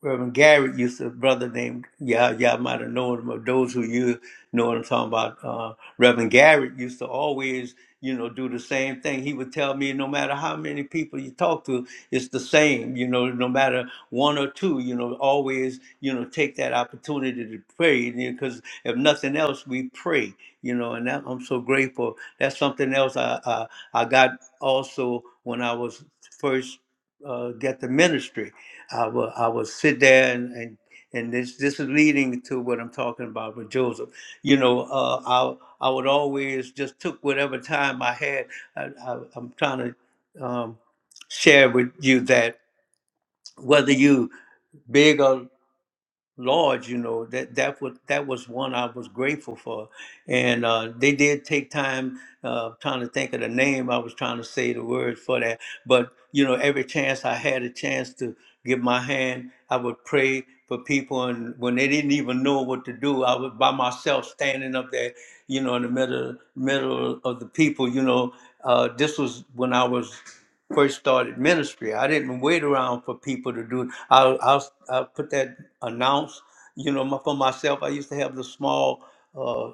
S1: Reverend Garrett used to, a brother named, y'all, y'all might have known him, or those who you know what I'm talking about. Uh, Reverend Garrett used to always, you know, do the same thing. He would tell me, no matter how many people you talk to, it's the same, you know, no matter one or two, you know, always, you know, take that opportunity to pray. Because if nothing else, we pray, you know, and that, I'm so grateful. That's something else I, I, I got also when I was first uh, get the ministry. I will I will sit there and and, and this this is leading to what I'm talking about with Joseph. You know, uh, I I would always just took whatever time I had. I, I, I'm trying to um, share with you that whether you big or large, you know, that that was that was one I was grateful for, and uh, they did take time uh, trying to think of the name. I was trying to say the words for that, but you know, every chance I had a chance to give my hand, I would pray for people, and when they didn't even know what to do, I was by myself standing up there, you know, in the middle middle of the people. You know, uh, this was when I was first started ministry. I didn't wait around for people to do it. I'll, I'll, I'll put that announce, you know, my- for myself. I used to have the small uh,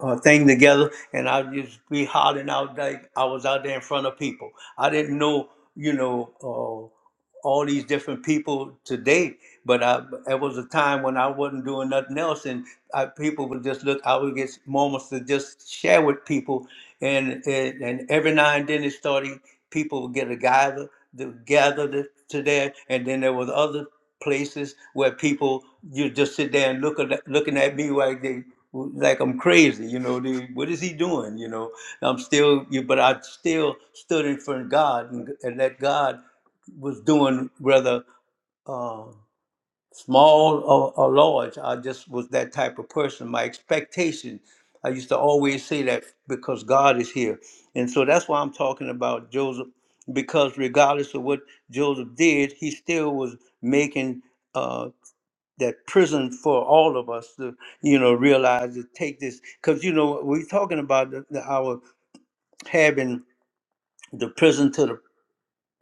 S1: uh, thing together and I'd just be hollering out like I was out there in front of people. I didn't know, you know. uh, all these different people today. But I, it was a time when I wasn't doing nothing else, and I, people would just look. I would get moments to just share with people, and and, and every now and then it started. People would get a gather, to gather to, to there, and then there was other places where people you just sit there and look at looking at me like they like I'm crazy, you know. They, what is he doing, you know? I'm still, you, but I still stood in front of God and, and let God was doing whether uh, small or, or large. I just was that type of person. My expectation, I used to always say that because God is here. And so that's why I'm talking about Joseph, because regardless of what Joseph did, he still was making uh, that prison for all of us to, you know, realize to take this. Because, you know, we're talking about the, the, our having the prison to the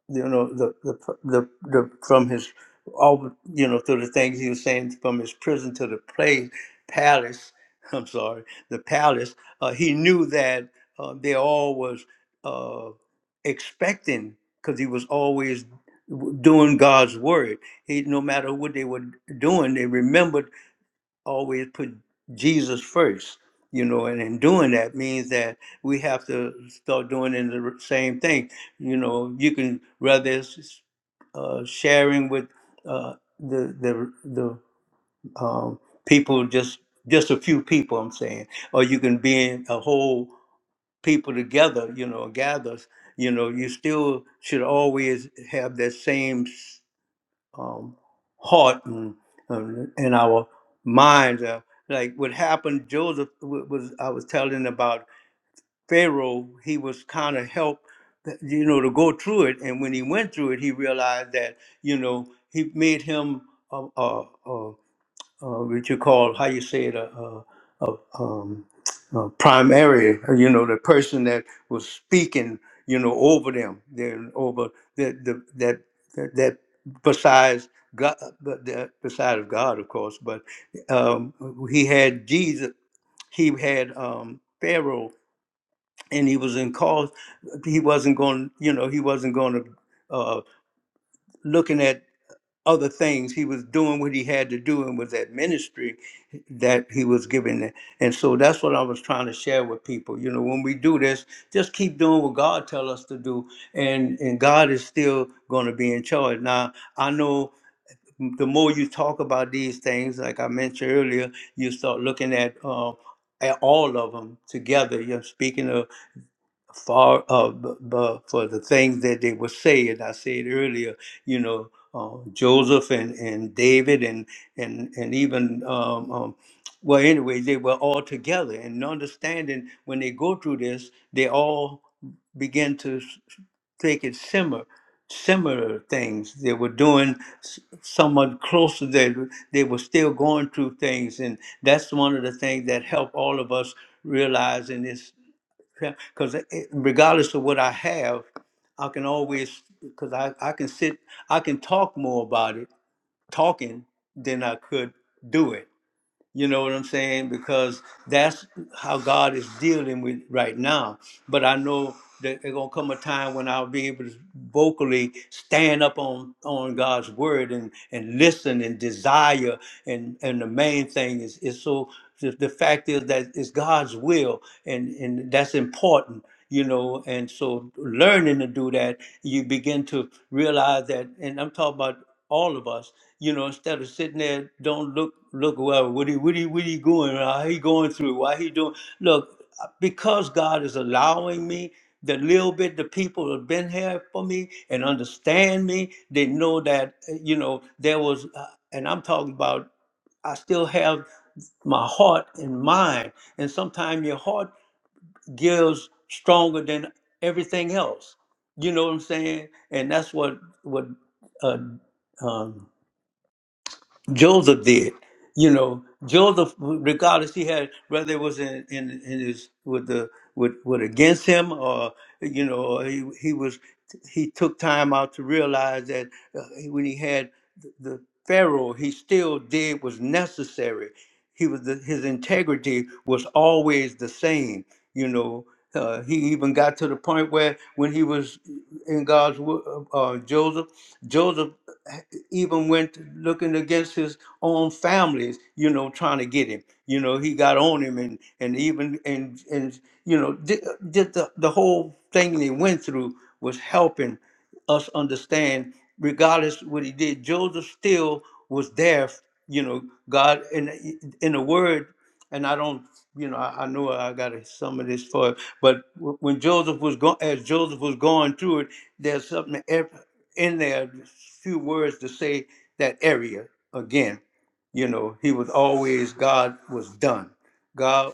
S1: you know the the the, the from his all you know through the things he was saying from his prison to the place palace *laughs* i'm sorry the palace uh, he knew that uh, they all was uh, expecting because he was always w- doing god's word he no matter what they were doing they remembered always put Jesus first, you know, and in doing that means that we have to start doing in the same thing. You know, you can rather it's uh, sharing with uh, the the the um, people, just just a few people. I'm saying, or you can be in a whole people together. You know, gathers. You know, you still should always have that same um, heart and, and, and our minds. Uh, like what happened, Joseph wa- was I was telling about Pharaoh. He was kind of helped, you know, to go through it. And when he went through it, he realized that you know he made him. a, a, uh, what you call how you say it a, a, a, um, a primary you know the person that was speaking you know over them then over the, the that that that besides god but that besides god of course but um, he had jesus he had um, pharaoh and he was in cause he wasn't going you know he wasn't going to uh, looking at other things. He was doing what he had to do and was that ministry that he was giving. And so that's what I was trying to share with people. You know, when we do this, just keep doing what God tell us to do. And and God is still going to be in charge. Now, I know the more you talk about these things, like I mentioned earlier, you start looking at uh, at all of them together. You're speaking of for uh, b- b- for the things that they were saying. I said earlier, you know, uh, Joseph and, and David and and and even um, um, well, anyway, they were all together and understanding when they go through this, they all begin to s- take it simmer. Similar things they were doing, s- somewhat closer. They they were still going through things, and that's one of the things that helped all of us realize in this because regardless of what I have, I can always because I, I can sit I can talk more about it talking than I could do it you know what I'm saying? Because that's how God is dealing with right now. But I know that there's gonna come a time when I'll be able to vocally stand up on on God's word and and listen and desire and and the main thing is is so the, the fact is that it's God's will and and that's important you know and so learning to do that you begin to realize that and i'm talking about all of us, you know, instead of sitting there, don't look, look, well, what he, what he, what he going, uh, how he going through, why he doing, look, uh, because God is allowing me, the little bit the people have been here for me and understand me, they know that, uh, you know, there was, uh, and I'm talking about, I still have my heart and mind, and sometimes your heart gives stronger than everything else. You know what I'm saying? And that's what, what, uh, um, Joseph did. You know, Joseph, regardless he had whether it was in, in, in his with the with with against him or you know or he he was he took time out to realize that uh, when he had the, the Pharaoh, he still did was necessary. He was the, his integrity was always the same. You know, uh, he even got to the point where when he was in God's wi- uh, uh, Joseph. Joseph eh, even went looking against his own families, you know, trying to get him. You know, he got on him and and even and and you know, did, did the the whole thing they went through was helping us understand, regardless what he did, Joseph still was there. You know, God in in the Word, and I don't, you know, I, I know I got some of this for, but w- when Joseph was going, as Joseph was going through it, there's something in there few words to say that area again. You know, he was always God was done. God,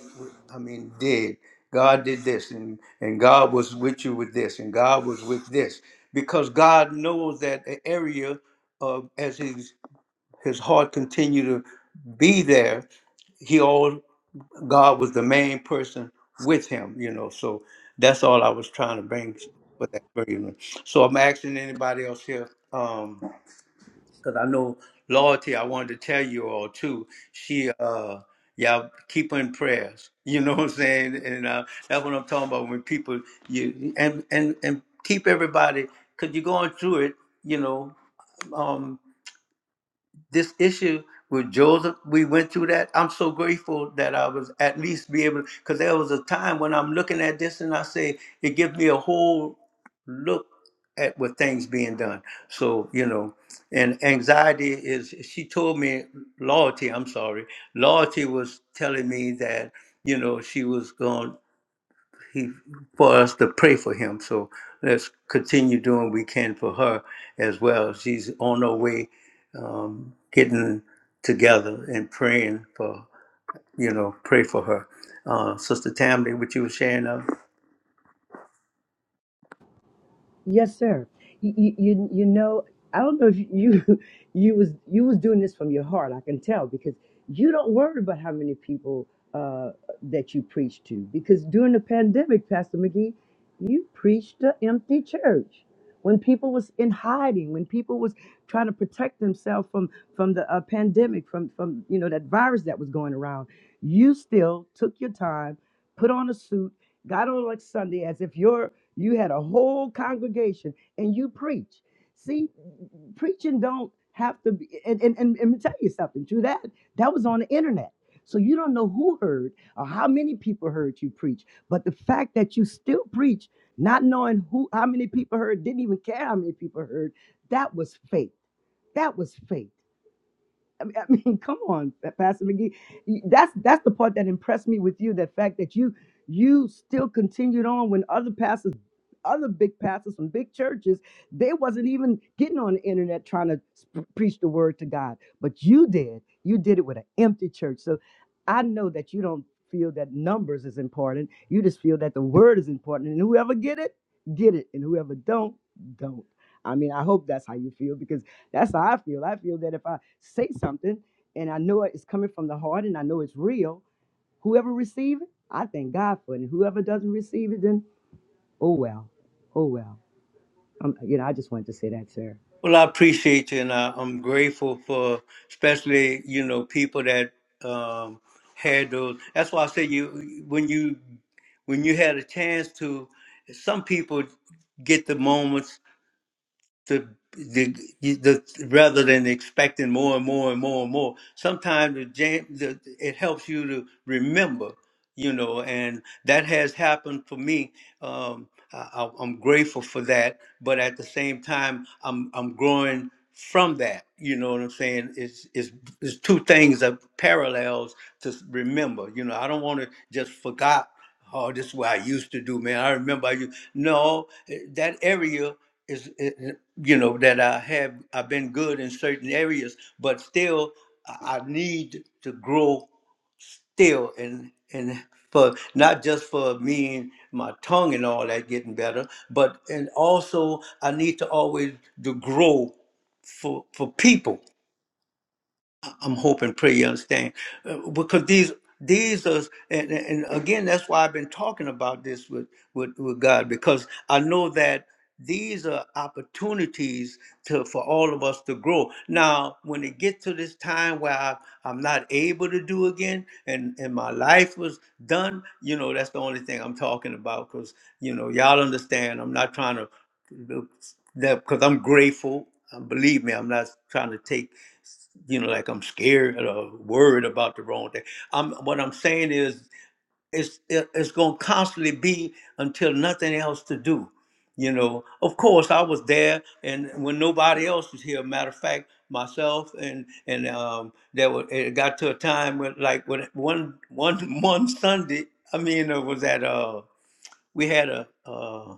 S1: I mean, did God did this, and and God was with you with this, and God was with this, because God knows that the area of as his his heart continue to be there. He God was the main person with him, you know. So that's all I was trying to bring for that version. So I'm asking anybody else here, um, because I know loyalty. I wanted to tell you all too. She, uh, y'all keep her in prayers. *laughs* You know what I'm saying? And uh, that's what I'm talking about. When people you and and and keep everybody because you're going through it. You know, um, this issue with Joseph, we went through that. I'm so grateful that I was at least be able, because there was a time when I'm looking at this and I say, it gives me a whole look at what things being done. So, you know, and anxiety is, she told me, loyalty, I'm sorry, loyalty was telling me that, you know, she was going he for us to pray for him. So let's continue doing what we can for her as well. She's on her way, um, getting together and praying for you know pray for her. Uh, Sister Tammy, what you were sharing of.
S3: Yes, sir. You, you, you you know, I don't know if you *laughs* you was you was doing this from your heart. I can tell because you don't worry about how many people uh, that you preach to. Because during the pandemic, Pastor McGee, you preached the empty church when people was in hiding, when people was trying to protect themselves from from the uh, pandemic, from from you know that virus that was going around. You still took your time, put on a suit God don't elect Sunday as if you're you had a whole congregation and you preach. See, preaching don't have to be and and, and, and let me tell you something, True that that was on the internet. So you don't know who heard or how many people heard you preach. But the fact that you still preach, not knowing who how many people heard, didn't even care how many people heard, that was faith. That was faith. I mean, *laughs* I mean, come on, Pastor McGee. That's that's the part that impressed me with you. The fact that you you still continued on when other pastors, other big pastors from big churches, they wasn't even getting on the internet trying to sp- preach the word to God, but you did. You did it with an empty church. So I know that you don't feel that numbers is important. You just feel that the word is important, and whoever get it, get it, and whoever don't, don't. I mean, I hope that's how you feel because that's how I feel. I feel that if I say something and I know it's coming from the heart and I know it's real, whoever receives it, I thank God for it. And whoever doesn't receive it, then oh well, oh well. Um, you know, I just wanted to say that, sir.
S1: Well, I appreciate you, and I, I'm grateful for especially you know people that um, had those. That's why I say you when you when you had a chance to. Some people get the moments the, the, the rather than expecting more and more and more and more. Sometimes the jam, the, it helps you to remember, you know, and that has happened for me. Um, I, I- I'm grateful for that, but at the same time, I'm I'm growing from that. You know what I'm saying? It's it's, it's two things that parallels to remember. You know, I don't want to just forgot. Oh, this is what I used to do, man. I remember I used. No, eh, that area is it, you know that I have I've been good in certain areas, but still I I need to grow still and and for not just for me and my tongue and all that getting better, but and also I need to always to grow for for people I'm hoping, pray you understand, uh, because these these are, and, and again, that's why I've been talking about this with, with with God because I know that these are opportunities to for all of us to grow. Now, when it gets to this time where I, I'm not able to do again, and and my life was done, you know, that's the only thing I'm talking about because you know y'all understand. I'm not trying to look that because I'm grateful. And believe me, I'm not trying to take you know, like I'm scared or worried about the wrong thing. I'm what I'm saying is it's it- it's gonna constantly be until nothing else to do. You know, of course I was there and when nobody else was here, matter of fact, myself and and um there was it got to a time when like when one one *laughs* one Sunday, I mean it was at uh we had a uh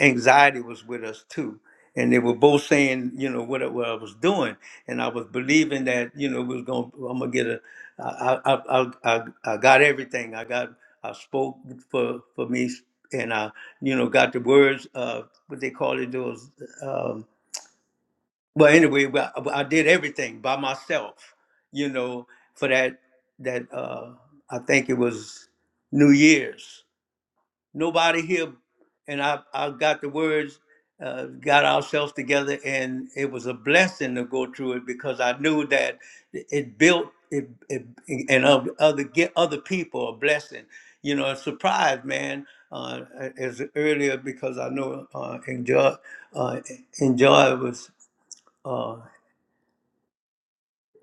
S1: anxiety was with us too. And they were both saying, you know, what, I- what I was doing. And I was believing that, you know, we was going, I'm going to get a, I, I, I, I, I got everything. I got, I spoke for, for me and I, you know, got the words, uh, what they call it, those, um, well, anyway, well, I I did everything by myself, you know, for that, that, uh, I think it was New Year's nobody here, and I, I got the words, uh, got ourselves together, and it was a blessing to go through it because I knew that it built it, it and of- other get other people a blessing. You know, a surprise, man. Uh, as earlier because I know uh, enjoy uh, enjoy was. uh,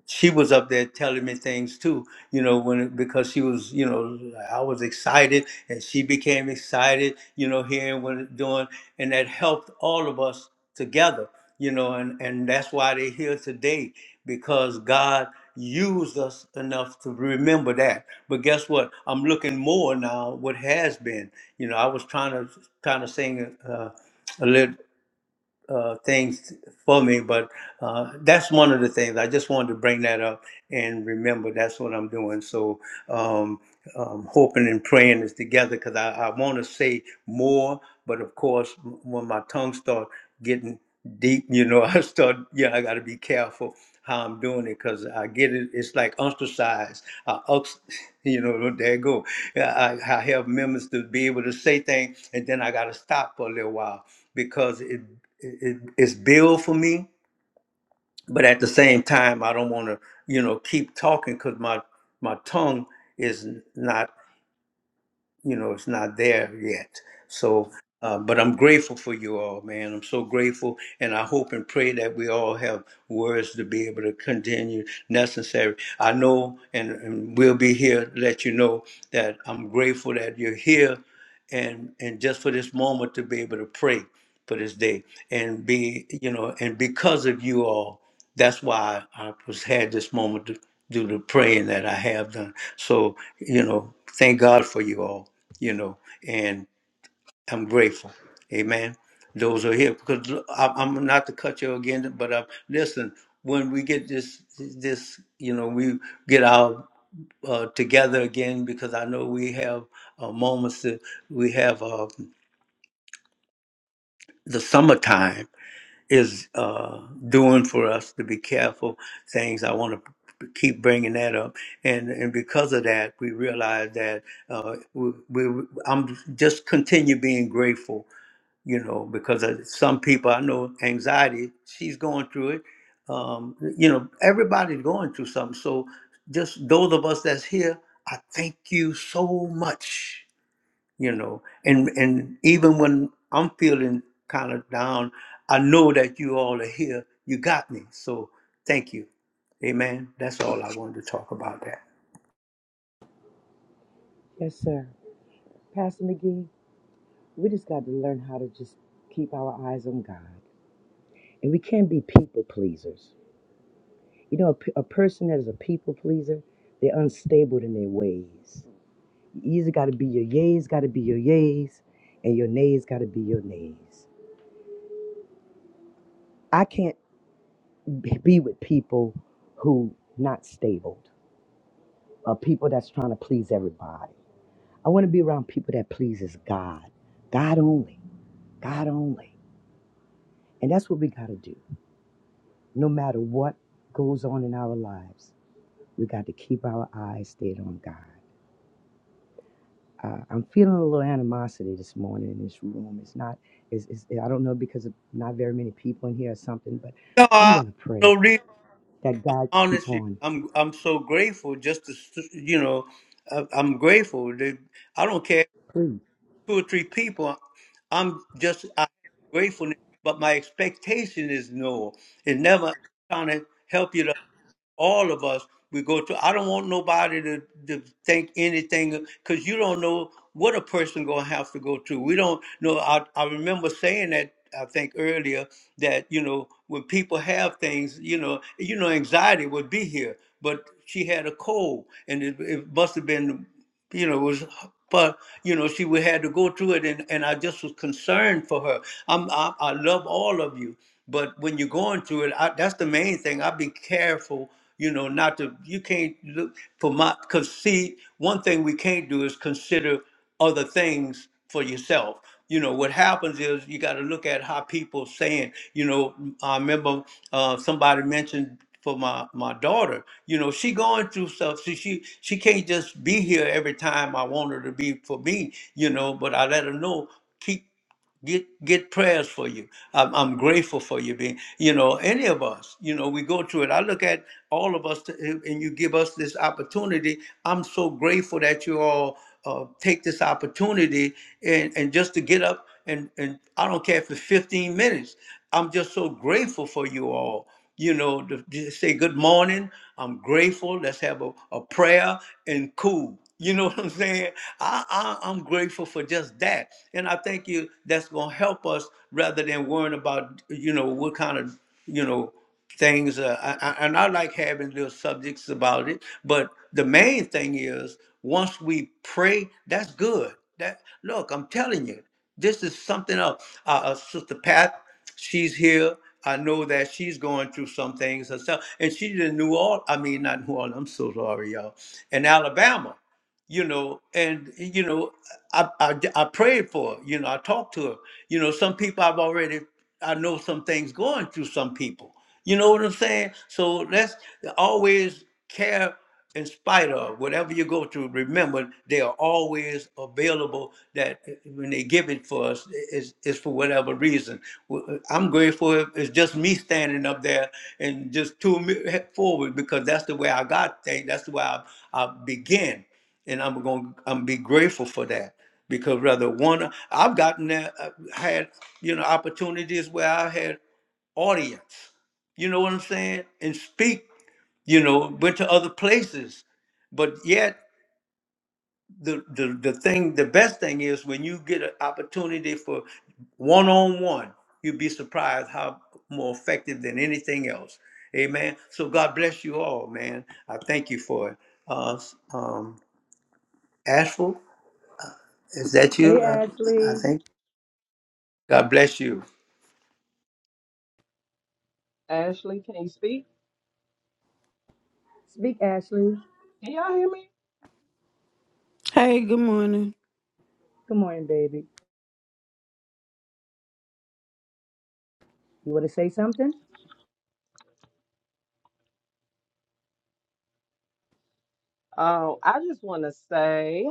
S1: she was up there telling me things too, you know, when because she was, you know, I was excited and she became excited, you know, hearing what it's doing, and that helped all of us together, you know, and and that's why they're here today because God used us enough to remember that. But guess what? I'm looking more now. What has been, you know, I was trying to trying to sing. uh, a Uh, uh, things for me, but uh, that's one of the things. I just wanted to bring that up and remember that's what I'm doing. So um, um, hoping and praying is together because I, I want to say more, but of course, w- when my tongue start getting deep, you know, *laughs* I start, yeah, I got to be careful how I'm doing it because I get it. It's like ostracized. I, ox- *laughs* you know, there you go. Yeah, I, I have members to be able to say things, and then I got to stop for a little while because it it, it's billed for me, but at the same time, I don't want to, you know, keep talking because my my tongue is not you know it's not there yet so uh, but i'm grateful for you all man i'm so grateful and i hope and pray that we all have words to be able to continue necessary i know and, and we'll be here to let you know that i'm grateful that you're here and and just for this moment to be able to pray for this day and be you know and because of you all that's why I was had this moment to do the praying that I have done. So you know, thank God for you all. You know, and I'm grateful. Amen. Those are here because I- I'm not to cut you again, but uh, listen. When we get this, this you know, we get our uh, together again because I know we have uh, moments that we have uh, the summertime is uh, doing for us to be careful things. I want to keep bringing that up, and and because of that, we realize that uh, we, we I'm just continue being grateful, you know, because of some people I know anxiety. She's going through it. Um, you know, everybody's going through something. So just those of us that's here, I thank you so much you know and and even when i'm feeling kind of down i know that you all are here you got me so thank you amen that's all i wanted to talk about that
S3: Yes, sir. Pastor McGee, we just got to learn how to just keep our eyes on God. And we can't be people pleasers. You know, a, pe- a person that is a people pleaser, they're unstable in their ways. You either got to be your yays, got to be your yays, and your nays got to be your nays. I can't be with people who not stable, or people that's trying to please everybody. I want to be around people that pleases God, God only, God only, and that's what we got to do. No matter what goes on in our lives, we got to keep our eyes stayed on God. Uh, I'm feeling a little animosity this morning in this room. It's not, it's, it's, I don't know because of not very many people in here or something, but
S1: no
S3: I'm
S1: I,
S3: gonna
S1: no
S3: pray
S1: reason
S3: that God keep
S1: honestly
S3: on.
S1: i'm i'm so grateful just to s- you know I, i'm grateful that i don't care
S3: Please,
S1: two or three people i'm just I, gratefulness but my expectation is no it never trying to help you to all of us we go through. i don't want nobody to, to think anything because you don't know what a person gonna have to go through we don't know I, I remember saying that i think earlier that you know when people have things you know you know anxiety would be here but she had a cold and it, it must have been you know, it was, but you know, she would had to go through it, and, and I just was concerned for her. I'm, I, I love all of you, but when you're going through it, I, that's the main thing. I be careful, you know, not to. You can't look for my, cause see, one thing we can't do is consider other things for yourself. You know, what happens is you got to look at how people saying, you know, I remember uh, somebody mentioned for my, my daughter, you know, she going through stuff. She, she, she can't just be here every time I want her to be for me, you know, but I let her know, keep get get prayers for you. I'm, I'm grateful for you being, you know, any of us, you know, we go through it. I look at all of us, to, and you give us this opportunity. I'm so grateful that you all uh, take this opportunity and and just to get up and and I don't care if it's 15 minutes. I'm just so grateful for you all you know, to, to say good morning. I'm grateful. Let's have a, a prayer and cool. You know *laughs* what I'm saying? I, I I'm grateful for just that, and I think you that's gonna help us rather than worrying about you know what kind of you know things. Uh, I, I, and I like having little subjects about it, but the main thing is once we pray, that's good. That look, I'm telling you. This is something else. Uh, uh, Sister Pat, she's here. I know that she's going through some things herself, and she's in New Orleans. I mean, not New Orleans. I'm so sorry, y'all. In Alabama, you know, and you know, I, I I prayed for her, you know, I talked to her. You know, some people I've already I know some things going through some people. You know what I'm saying? So let's always care in spite of whatever you go through. Remember, they are always available. That eh, when they give it for us, it's, it's for whatever reason. Well, I'm grateful if it's just me standing up there and just two forward because that's the way I got things. That's the way I, I begin and I'm going to I'm be grateful for that because rather one I've gotten that uh, had you know opportunities where I had audience, you know what I'm saying, and speak, you know, went to other places, but yet the the the thing the best thing is when you get an opportunity for one on one, you'd be surprised how more effective than anything else. Amen. So God bless you all, man. I thank you for it. Uh, um, Ashford. Is that
S3: hey
S1: you? I, I
S3: Ashley.
S1: think. God bless you.
S4: Ashley, can you speak?
S3: Speak, Ashley.
S4: Can y'all hear me?
S5: Hey, good morning.
S3: Good morning, baby. You want to say something?
S4: Um, I just want to say,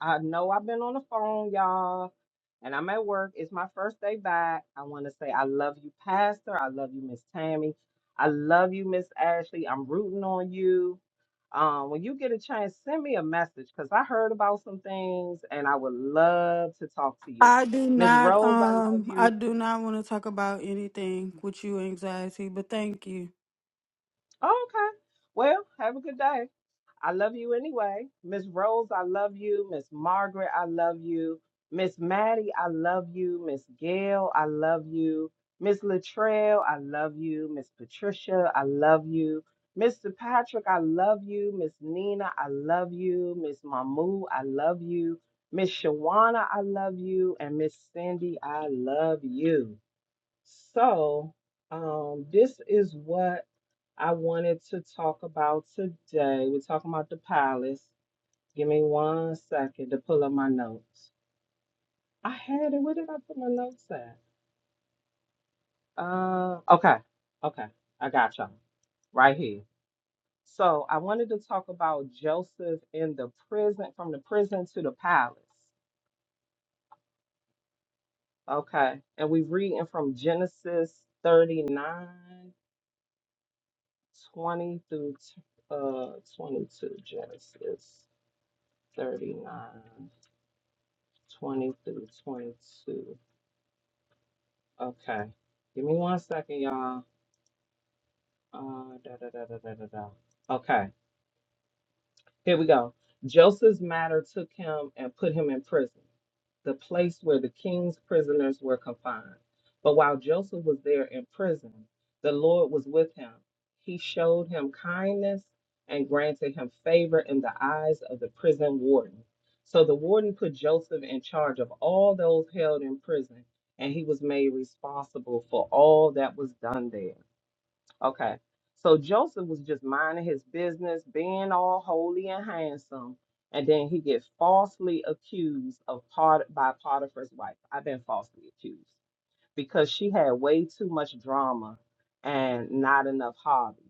S4: I know I've been on the phone, y'all, and I'm at work. It's my first day back. I want to say I love you, Pastor. I love you, Miss Tammy. I love you, Miss Ashley. I'm rooting on you. Um, when you get a chance, send me a message because I heard about some things and I would love to talk to you.
S5: I do
S4: Miss
S5: not
S4: Rose, I love
S5: um I
S4: you.
S5: do not want to talk about anything with you anxiety, but thank you.
S4: Oh, okay. Well, have a good day. I love you anyway. Miss Rose, I love you. Miss Margaret, I love you. Miss Maddie, I love you. Miss Gail, I love you. Miss Latrell, I love you. Miss Patricia, I love you. Mr. Patrick, I love you. Miss Nina, I love you. Miss Mamu, I love you. Miss Shawana, I love you. And Miss Cindy, I love you. So, um, this is what I wanted to talk about today. We're talking about the palace. Give me one second to pull up my notes. I had it. Where did I put my notes at? Uh, okay, okay, I got y'all right here. So I wanted to talk about Joseph in the prison, from the prison to the palace. Okay, and we're reading from Genesis 39, twenty through uh 22. Genesis 39. 20 through 22. Okay. Give me one second, y'all. Uh, da, da, da, da, da, da, da. Okay. Here we go. Joseph's matter took him and put him in prison, the place where the king's prisoners were confined. But while Joseph was there in prison, the Lord was with him. He showed him kindness and granted him favor in the eyes of the prison warden. So the warden put Joseph in charge of all those held in prison, and he was made responsible for all that was done there. Okay. So Joseph was just minding his business, being all holy and handsome, and then he gets falsely accused of part by Potiphar's wife. I've been falsely accused because she had way too much drama and not enough hobbies.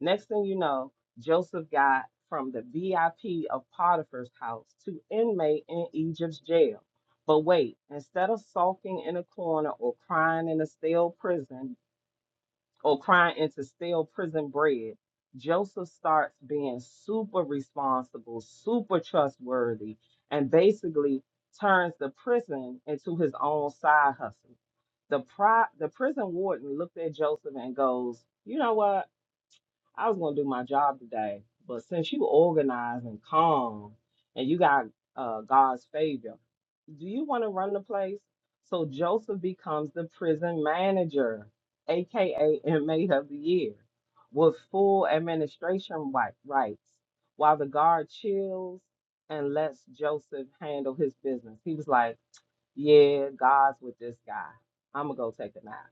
S4: Next thing you know, Joseph got from the VIP of Potiphar's house to inmate in Egypt's jail. But wait, instead of sulking in a corner or crying in a stale prison or crying into stale prison bread, Joseph starts being super responsible, super trustworthy, and basically turns the prison into his own side hustle. The pri- the prison warden looked at Joseph and goes, "You know what? I was gonna do my job today, but since you organized and calm and you got uh, God's favor, do you want to run the place? So Joseph becomes the prison manager, aka inmate of the year, with full administration wi- rights, while the guard chills and lets Joseph handle his business. He was like, "Yeah, God's with this guy. I'm gonna go take a nap."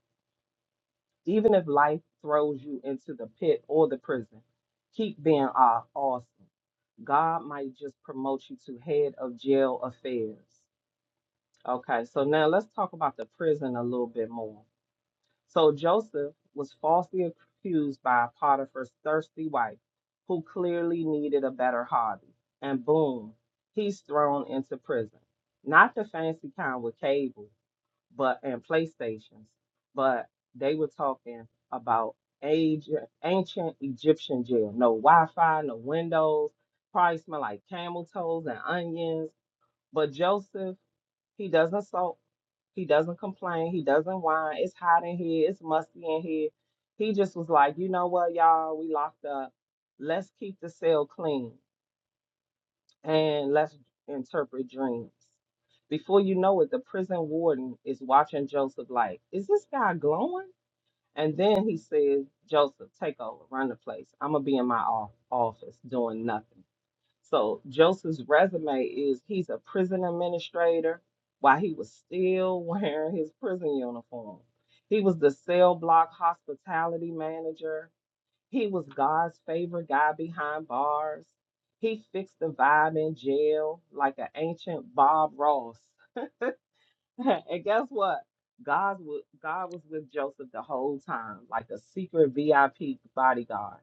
S4: Even if life throws you into the pit or the prison, keep being aw- awesome. God might just promote you to head of jail affairs. Okay, so now let's talk about the prison a little bit more. So Joseph was falsely accused by Potiphar's thirsty wife, who clearly needed a better hobby. And boom, he's thrown into prison. Not the fancy kind with cable but and PlayStations, but they were talking about age, ancient Egyptian jail. No Wi-Fi, no windows. Probably smell like camel toes and onions. But Joseph, he doesn't sulk. He doesn't complain. He doesn't whine. It's hot in here. It's musty in here. He just was like, you know what, y'all, we locked up. Let's keep the cell clean. And let's interpret dreams. Before you know it, the prison warden is watching Joseph like, is this guy glowing? And then he says, Joseph, take over, run the place. I'm going to be in my off- office doing nothing. So Joseph's resume is he's a prison administrator while he was still *laughs* wearing his prison uniform. He was the cell block hospitality manager. He was God's favorite guy behind bars. He fixed the vibe in jail like an ancient Bob Ross. *laughs* and guess what? God was God was with Joseph the whole time, like a secret VIP bodyguard.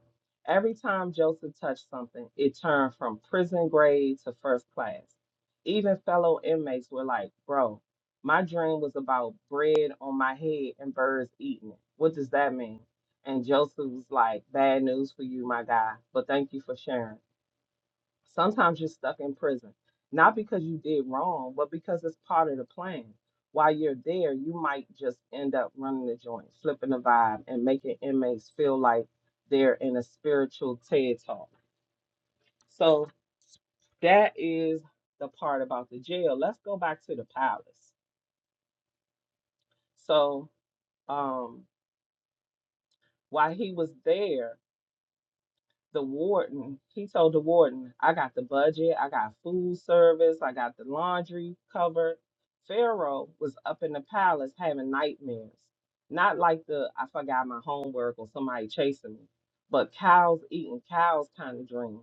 S4: Every time Joseph touched something, it turned from prison grade to first class. Even fellow inmates were like, Bro, my dream was about bread on my head and birds eating it. What does that mean? And Joseph was like, Bad news for you, my guy, but thank you for sharing. Sometimes you're stuck in prison, not because you did wrong, but because it's part of the plan. While you're there, you might just end up running the joint, flipping the vibe, and making inmates feel like they're in a spiritual TED talk. So that is the part about the jail. Let's go back to the palace. So um, while he was there, the warden, he told the warden, I got the budget, I got food service, I got the laundry covered. Pharaoh was up in the palace having nightmares. Not like the I forgot my homework or somebody chasing me, but cows eating cows kind of dreams.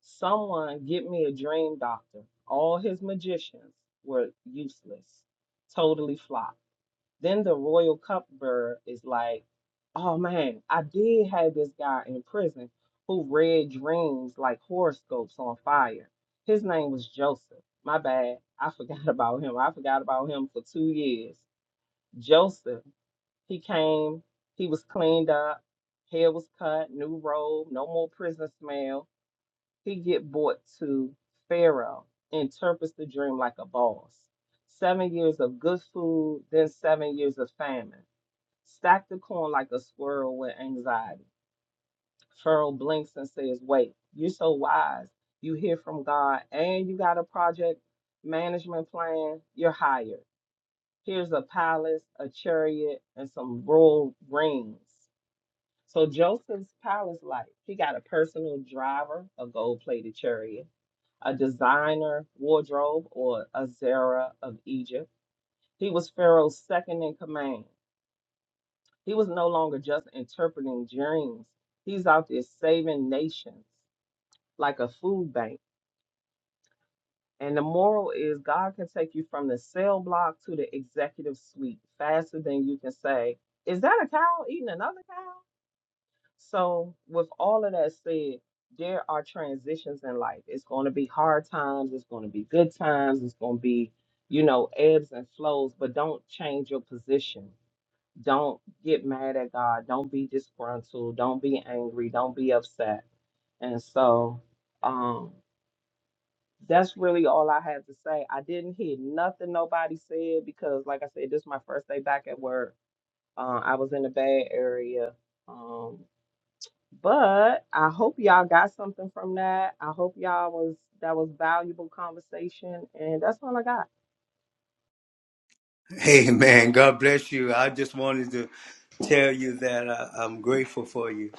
S4: Someone get me a dream doctor. All his magicians were useless, totally flopped. Then the royal cupbearer is like, oh man, I did have this guy in prison who read dreams like horoscopes on fire. His name was Joseph. My bad. I forgot *laughs* about him. I forgot about him for two years. Joseph, he came, he was cleaned up, hair was cut, new robe, no more prison smell. He get brought to Pharaoh, interprets the dream like a boss. Seven years of good food, then seven years of famine Stack the corn like a squirrel with anxiety. Pharaoh blinks and says, Wait, you're so wise. You hear from God and you got a project management plan. You're hired. Here's a palace, a chariot, and some royal rings. So Joseph's palace life, he got a personal driver, a gold plated chariot, a designer wardrobe, or a Zara of Egypt. He was Pharaoh's second in command. He was no longer just interpreting dreams. He's out there saving nations like a food bank. And the moral is God can take you from the cell block to the executive suite faster than you can say, Is that a cow eating another cow? So, with all of that said, there are transitions in life. It's going to be hard times, it's going to be good times, it's going to be, you know, ebbs and flows, but don't change your position Don't get mad at God. Don't be disgruntled. Don't be angry. Don't be upset. And so um, that's really all I had to say. I didn't hear nothing nobody said because, like I said, this is my first day back at work. Uh, I was in the Bay Area. Um, but I hope y'all got something from that. I hope y'all was that was valuable conversation. And that's all I got.
S1: Hey, man. God bless you. I just wanted to tell you that I, I'm grateful for you.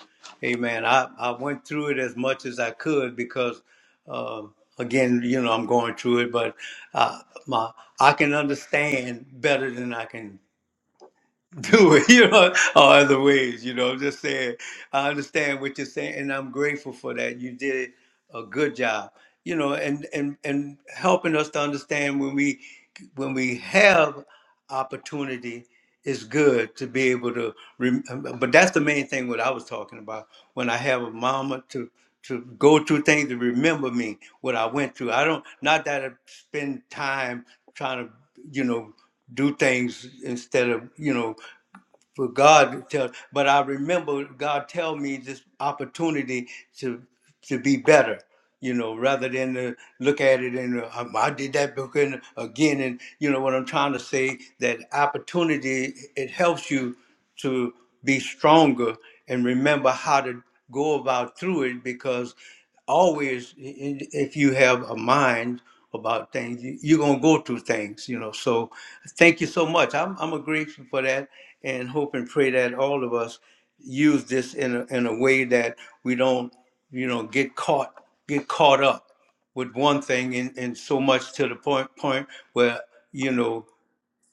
S1: Hey, man. I, I went through it as much as I could because, uh, again, you know, I'm going through it, but uh, my I can understand better than I can do it, *laughs* you know, or other ways, you know. I'm just saying, I understand what you're saying, and I'm grateful for that. You did a good job, you know, and and and helping us to understand when we when we have opportunity, it's good to be able to. Rem- but that's the main thing what I was talking about. When I have a mama to to go through things to remember me what I went through. I don't not that I spend time trying to you know do things instead of you know for God to tell. But I remember God tell me this opportunity to to be better you know, rather than to look at it and uh, I did that book and again, and you know what I'm trying to say that opportunity it helps you to be stronger and remember how to go about through it because always i- i- if you have a mind about things you- you're going to go through things you know so thank you so much i'm, I'm grateful for that and hope and pray that all of us use this in a, in a way that we don't you know get caught get caught up with one thing and, and so much to the point point where you know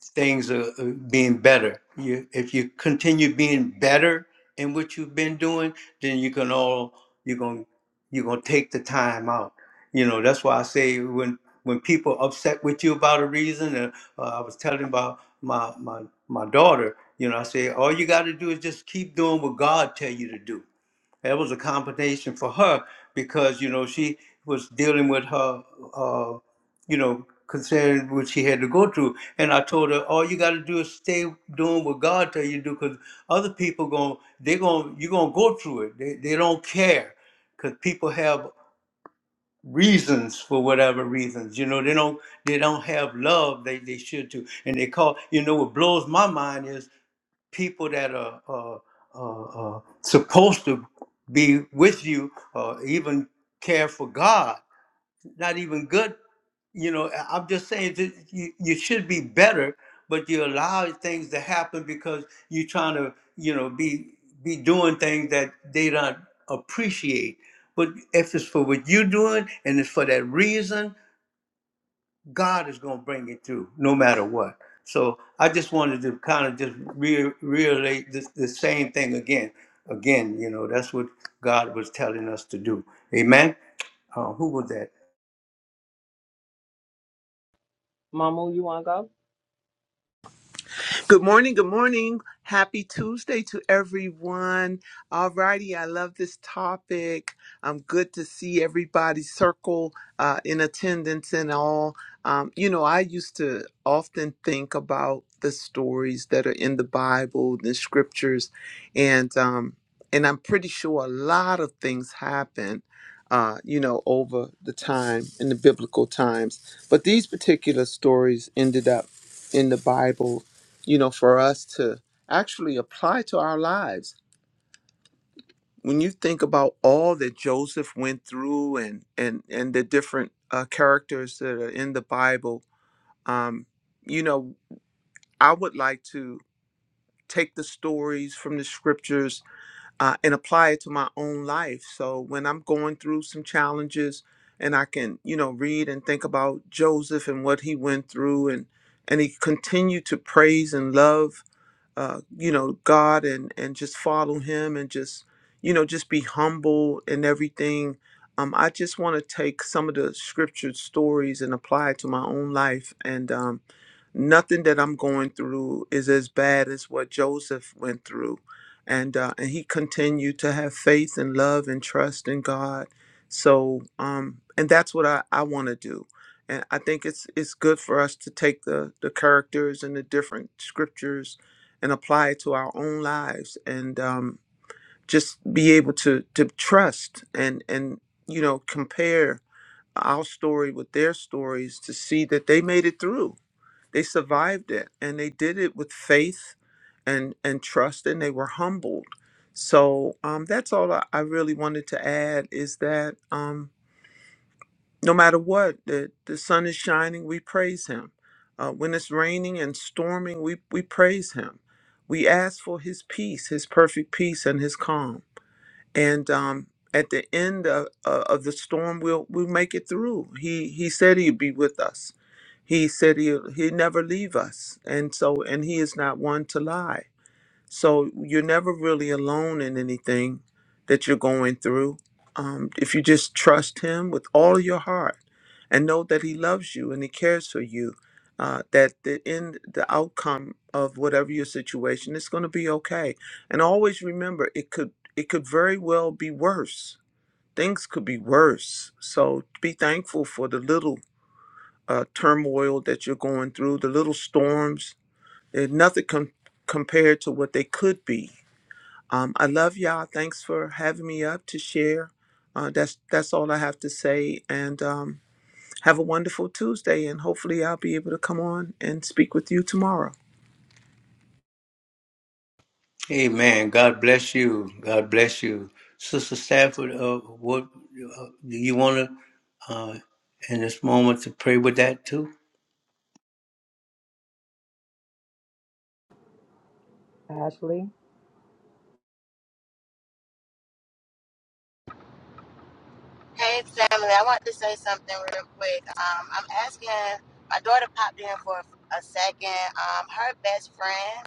S1: things are uh, being better you, if you continue being better in what you've been doing then you can all you're going to you're going to take the time out you know that's why i say when when people upset with you about a reason and uh, i was telling about my my my daughter you know i say all you got to do is just keep doing what god tell you to do that was a compensation for her because you know she was dealing with her, uh, you know, considering what she had to go through. And I told her, all you got to do is stay doing what God tell you to do, because other people going they're going you're gonna go through it. They they don't care, because people have reasons for whatever reasons. You know, they don't they don't have love they, they should to. And they call you know what blows my mind is people that are uh, uh, uh, supposed to be with you or even care for God. Not even good, you know. I- I'm just saying that you, you should be better, but you allow things to happen because you're trying to, you know, be be doing things that they don't appreciate. But if it's for what you're doing and it's for that reason, God is going to bring it through no matter what. So I just wanted to kind of just re- relate this, the same thing again. Again, you know, that's what God was telling us to do. Amen. Uh, who was that?
S4: Mamu, you wanna go?
S6: Good morning. Good morning. Happy Tuesday to everyone. Alrighty, I love this topic. I'm good to see everybody circle uh, in attendance and all. Um, you know, I used to often think about the stories that are in the Bible, the scriptures, and um, and I'm pretty sure a lot of things happen. Uh, you know, over the time in the biblical times. But these particular stories ended up in the Bible you know, for us to actually apply to our lives. When you think about all that Joseph went through and and and the different uh, characters that are in the Bible, um, you know, I would like to take the stories from the scriptures uh, and apply it to my own life. So when I'm going through some challenges, and I can you know read and think about Joseph and what he went through, and and he continued to praise and love uh, you know God and and just follow Him and just you know just be humble and everything. Um, I just want to take some of the scripture stories and apply it to my own life. And um, nothing that I'm going through is as bad as what Joseph went through, and uh, and he continued to have faith and love and trust in God. So um, and that's what I, I want to do and I think it's it's good for us to take the the characters and the different scriptures and apply it to our own lives and um, just be able to to trust and and you know compare our story with their stories to see that they made it through they survived it and they did it with faith and and trust and they were humbled so um, that's all I, I really wanted to add is that um, no matter what the, the sun is shining we praise him uh, when it's raining and storming we, we praise him we ask for his peace his perfect peace and his calm and um, at the end of, uh, of the storm we'll, we'll make it through he, he said he'd be with us he said he'll, he'd never leave us and so and he is not one to lie so you're never really alone in anything that you're going through. Um, if you just trust Him with all your heart and know that He loves you and He cares for you, uh, that the end, the outcome of whatever your situation is going to be okay. And always remember, it could it could very well be worse. Things could be worse. So be thankful for the little uh, turmoil that you're going through, the little storms. Eh, Nothing com- compared to what they could be um, I love y'all. Thanks for having me up to share. Uh, that's that's all I have to say. And um, have a wonderful Tuesday. And hopefully, I'll be able to come on and speak with you tomorrow.
S1: Amen. God bless you. God bless you. Sister Stafford, uh, what uh, do you want to, uh, in this moment, to pray with that too?
S3: Ashley?
S2: Hey family, I want to say something real quick. Um, I'm asking my daughter popped in for a second. Um, her best friend.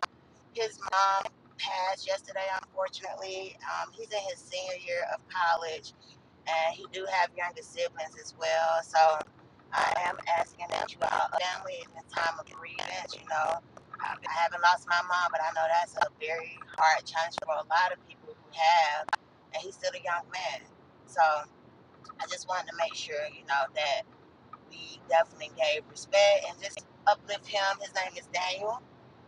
S2: His mom passed yesterday, unfortunately. Um, he's in his senior year of college, and he do have younger siblings as well. So I am asking that you all, family, in the time of grievance, you know, I, haven't lost my mom, but I know that's a very hard challenge for a lot of people who have, and he's still a young man. So I just wanted to make sure, you know, that we definitely gave respect and just uplift him. His name is Daniel,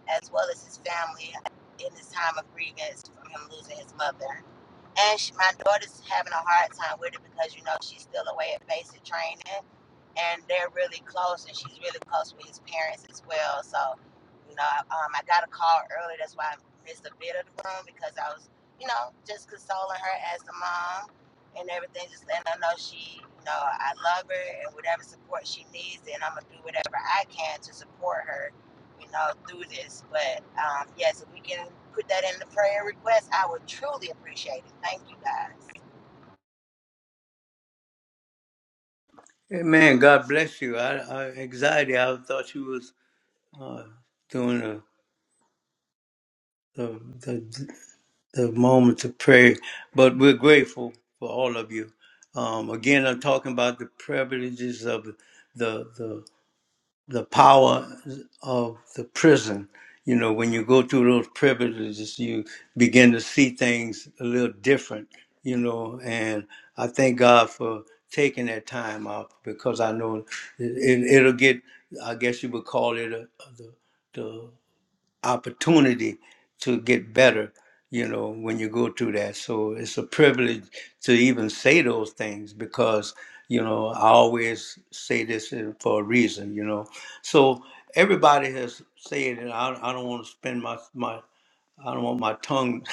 S2: as well as his family in this time of grievance from him losing his mother. And she, my daughter's having a hard time with it because you know she's still away at basic training, and they're really close, and she's really close with his parents as well. So, you know, um, I got a call early. That's why I missed a bit of the room because I was, you know, just consoling her as the mom and everything, just letting her know she, you know, I love her and whatever support she needs, and I'm gonna do whatever I can to support her you know, through this. But um, yes, if we can put that in the prayer request, I would truly appreciate it. Thank you guys.
S1: Amen. God bless you. I, I anxiety. I thought you was uh, doing the, the, the moments of prayer. But we're grateful for all of you. Um, again, I'm talking about the privileges of the the the power of the prison. You know, when you go through those privileges, you begin to see things a little different. You know, and I thank God for taking that time out because I know it, it, it'll get. I guess you would call it a, the the opportunity to get better, you know, when you go through that. So it's a privilege to even say those things because, you know, I always say this in- for a reason, you know. So everybody has said it. I, I don't want to spend my, my, I don't want my tongue,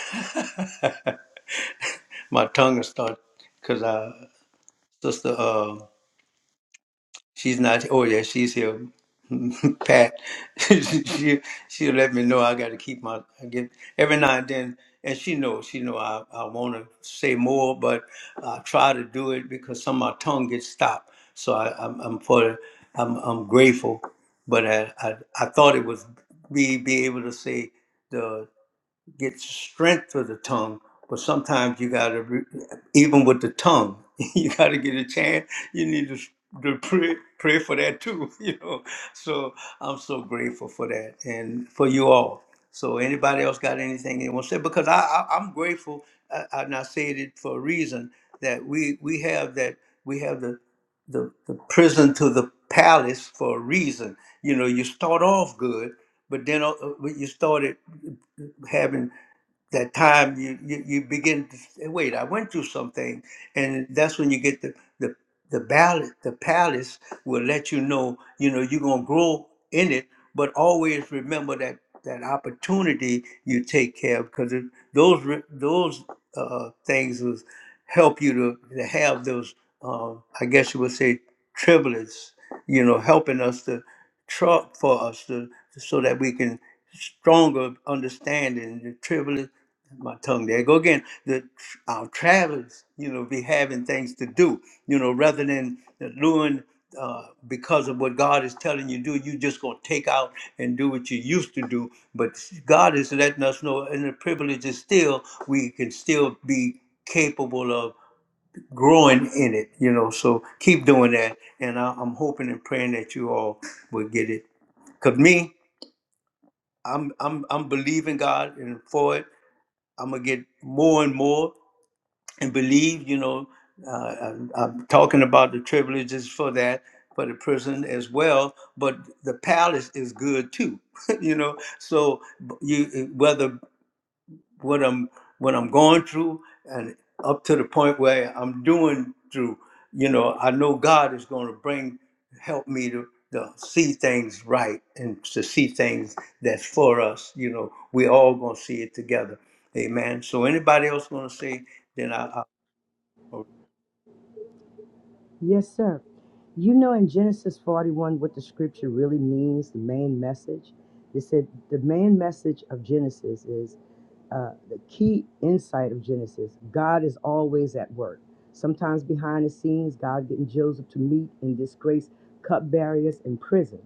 S1: *laughs* my tongue to start because I, sister, uh, She's not. Oh yeah, she's here. *laughs* Pat, *laughs* she she let me know I got to keep my I get every now and then, and she knows she know I I want to say more, but I try to do it because some of my tongue gets stopped. So I, I'm I'm for I'm I'm grateful, but I, I I thought it was me be able to say. the get strength for the tongue, but sometimes you got to, re- even with the tongue, *laughs* you got to get a chance. You need to, to pray, pray for that too, *laughs* you know. So I'm so grateful for that and for you all. So anybody else got anything they want to say? Because I, I I'm grateful, I, I- and I said it for a reason that we we have that we have the the, the prison to the palace for a reason. You know, you start off good, but then uh, uh, you started having that time you, you you begin to say, wait i went through something and that's when you get the the the ballot the palace will let you know you know you're going to grow in it but always remember that that opportunity you take care of because those re- those uh, things will help you to, to have those uh, i guess you would say privileges you know helping us to truck for us to, so that we can stronger understanding the tribulation. My tongue there. Go again. The tr- our travelers, you know, be having things to do, you know, rather than doing uh, because of what God is telling you to do, you just gonna take out and do what you used to do. But God is letting us know, and the privilege is still we can still be capable of growing in it, you know. So keep doing that, and I, I'm hoping and praying that you all will get it Cause me, I'm I'm I'm believing God and for it. I'm gonna get more and more and believe. You know, uh, I'm, I'm talking about the privileges for that for the prison as well. But the palace is good too. *laughs* you know, so you whether what I'm what I'm going through and up to the point where I'm doing through, you know, I know God is going to bring help me to, to see things right and to see things that's for us. You know, we all going to see it together. Amen. So anybody else going to say, then I,
S3: Yes, sir. You know, in Genesis 41, what the scripture really means, the main message? They said the main message of Genesis is uh, the key insight of Genesis God is always at work. Sometimes behind the scenes, God getting Joseph to meet and disgrace cupbearers in prison.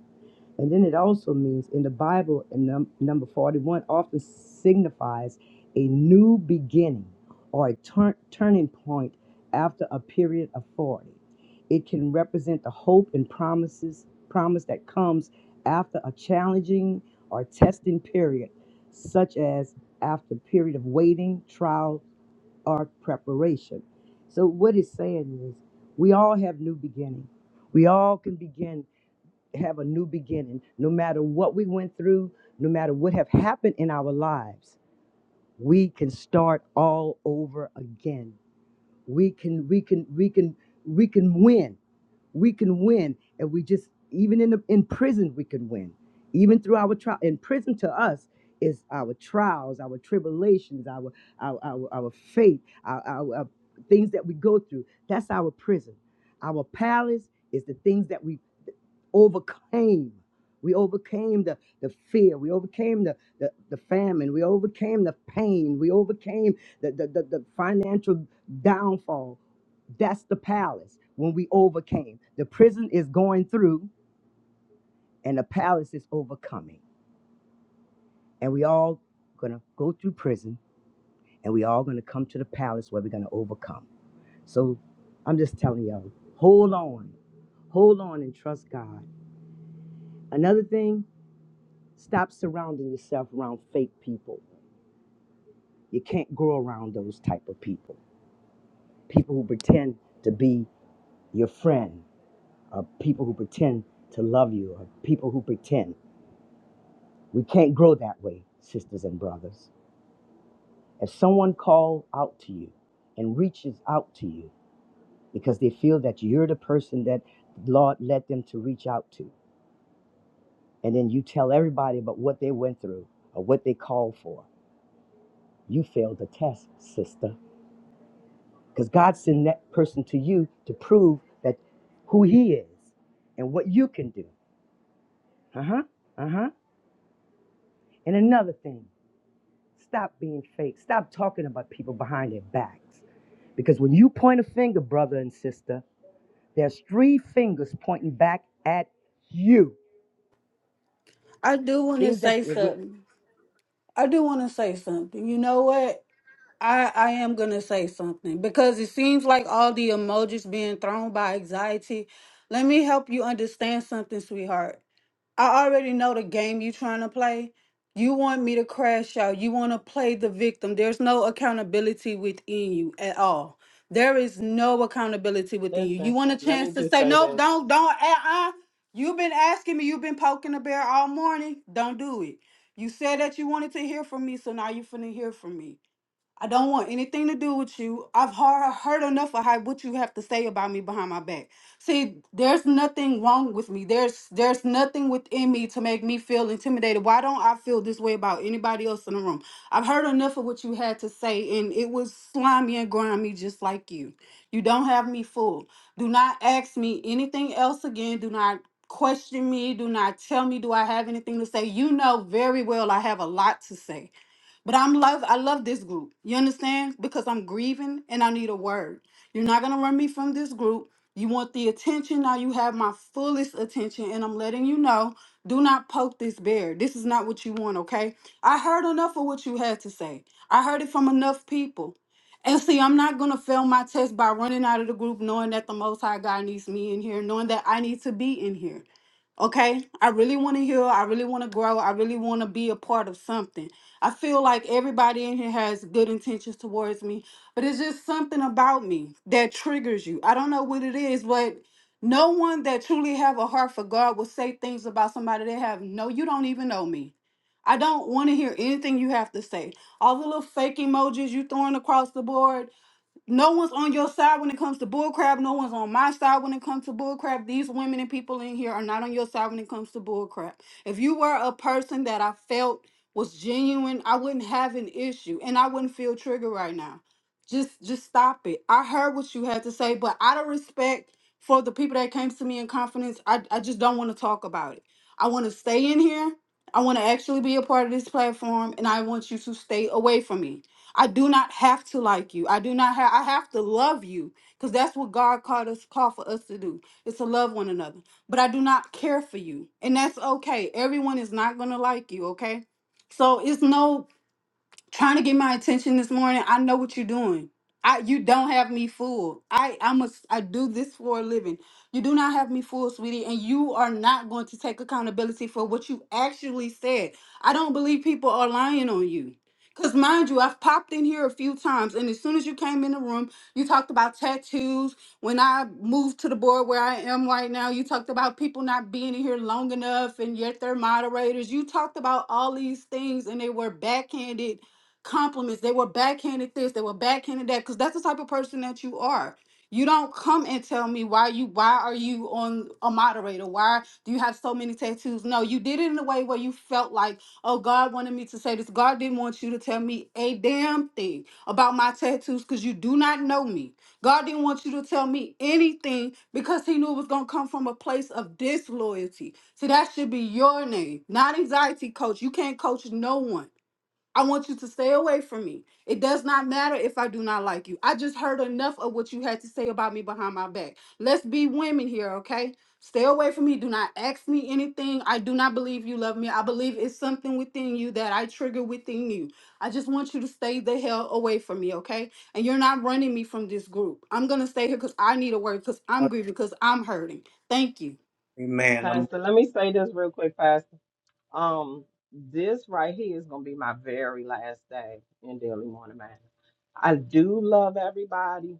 S3: And then it also means in the Bible, in num- number 41, often signifies a new beginning or a turn- turning point after a period of 40. It can represent the hope and promises promise that comes after a challenging or testing period, such as after a period of waiting, trial, or preparation. So what it's saying is we all have new beginning. We all can begin have a new beginning. No matter what we went through, no matter what have happened in our lives, we can start all over again. We can we can we can we can win we can win and we just even in the, in prison we can win even through our trial in prison to us is our trials our tribulations our our our, our faith our, our, our things that we go through that's our prison our palace is the things that we overcame we overcame the, the fear. We overcame the, the, the famine. We overcame the pain. We overcame the, the, the, the financial downfall that's the palace when we overcame. The prison is going through and the palace is overcoming. And we all gonna go through prison and we all gonna come to the palace where we're gonna overcome. So I'm just telling y'all, hold on. Hold on and trust God. Another thing, stop surrounding yourself around fake people. You can't grow around those type of people. People who pretend to be your friend, or people who pretend to love you, or people who pretend. We can't grow that way, sisters and brothers. If someone calls out to you and reaches out to you because they feel that you're the person that the Lord led them to reach out to, and then you tell everybody about what they went through or what they called for, you failed the test, sister. Because God sent that person to you to prove that who He is and what you can do. Uh huh. Uh huh. And another thing, stop being fake. Stop talking about people behind their backs. Because when you point a finger, brother and sister, there's three fingers pointing back at you.
S5: I do want to
S3: Things
S5: say
S3: that
S5: something. I do want to say something. You know what? I I am going to say something because it seems like all the emojis being thrown by anxiety. Let me help you understand something, sweetheart. I already know the game you trying to play. You want me to crash out. You want to play the victim. There's no accountability within you at all. There is no accountability within you. You
S4: Listen,
S5: want a
S4: let me
S5: chance to
S4: just
S5: say
S4: say
S5: nope.
S4: this.
S5: don't, don't. Uh-uh. You've been asking me. You've been poking the bear all morning. Don't do it. You said that you wanted to hear from me, so now you're finna hear from me. I don't want anything to do with you. I've har- heard enough of how what you have to say about me behind my back. See, there's nothing wrong with me. There's there's nothing within me to make me feel intimidated. Why don't I feel this way about anybody else in the room? I've heard enough of what you had to say, and it was slimy and grimy, just like you. You don't have me fooled. Do not ask me anything else again. Do not question me. Do not tell me do I have anything to say. You know very well I have a lot to say. But I'm love I love this group. You understand? Because I'm grieving and I need a word. You're not gonna run me from this group. You want the attention. Now you have my fullest attention. And I'm letting you know, do not poke this bear. This is not what you want, okay? I heard enough of what you had to say. I heard it from enough people. And see, I'm not gonna fail my test by running out of the group, knowing that the most high God needs me in here, knowing that I need to be in here. Okay, I really want to heal. I really want to grow. I really want to be a part of something. I feel like everybody in here has good intentions towards me, but it's just something about me that triggers you. I don't know what it is, but no one that truly have a heart for God will say things about somebody they have no, you don't even know me. I don't want to hear anything you have to say. All the little fake emojis you throwing across the board, no one's on your side when it comes to bullcrap. No one's on my side when it comes to bullcrap. These women and people in here are not on your side when it comes to bullcrap. If you were a person that I felt was genuine, I wouldn't have an issue and I wouldn't feel triggered right now. Just just stop it. I heard what you had to say, but out of respect for the people that came to me in confidence, I, I just don't want to talk about it. I want to stay in here. I want to actually be a part of this platform and I want you to stay away from me. I do not have to like you. I do not have I have to love you because that's what God called us called for us to do. It's to love one another. But I do not care for you. And that's okay. Everyone is not going to like you, okay? So it's no trying to get my attention this morning. I know what you're doing. I you don't have me fooled. I I must I do this for a living. You do not have me fooled, sweetie, and you are not going to take accountability for what you actually said. I don't believe people are lying on you. Cause mind you, I've popped in here a few times, and as soon as you came in the room, you talked about tattoos. When I moved to the board where I am right now, you talked about people not being in here long enough, and yet they're moderators. You talked about all these things, and they were backhanded compliments. They were backhanded this, they were backhanded that, because that's the type of person that you are. You don't come and tell me why you why are you on a moderator? Why do you have so many tattoos? No, you did it in a way where you felt like, oh, God wanted me to say this. God didn't want you to tell me a damn thing about my tattoos because you do not know me. God didn't want you to tell me anything because he knew it was going to come from a place of disloyalty. So that should be your name, not anxiety coach. You can't coach no one. I want you to stay away from me. It does not matter if I do not like you. I just heard enough of what you had to say about me behind my back. Let's be women here, okay? Stay away from me. Do not ask me anything. I do not believe you love me. I believe it's something within you that I trigger within you. I just want you to stay the hell away from me, okay? And you're not running me from this group. I'm going to stay here because I need a word, because
S1: I
S5: I'm grieving, because I'm hurting. Thank you.
S1: amen. I'm gonna
S4: Pastor, let me say this real quick, Pastor. Um, this right here is gonna be my very last day in Daily Morning Manor. I do love everybody.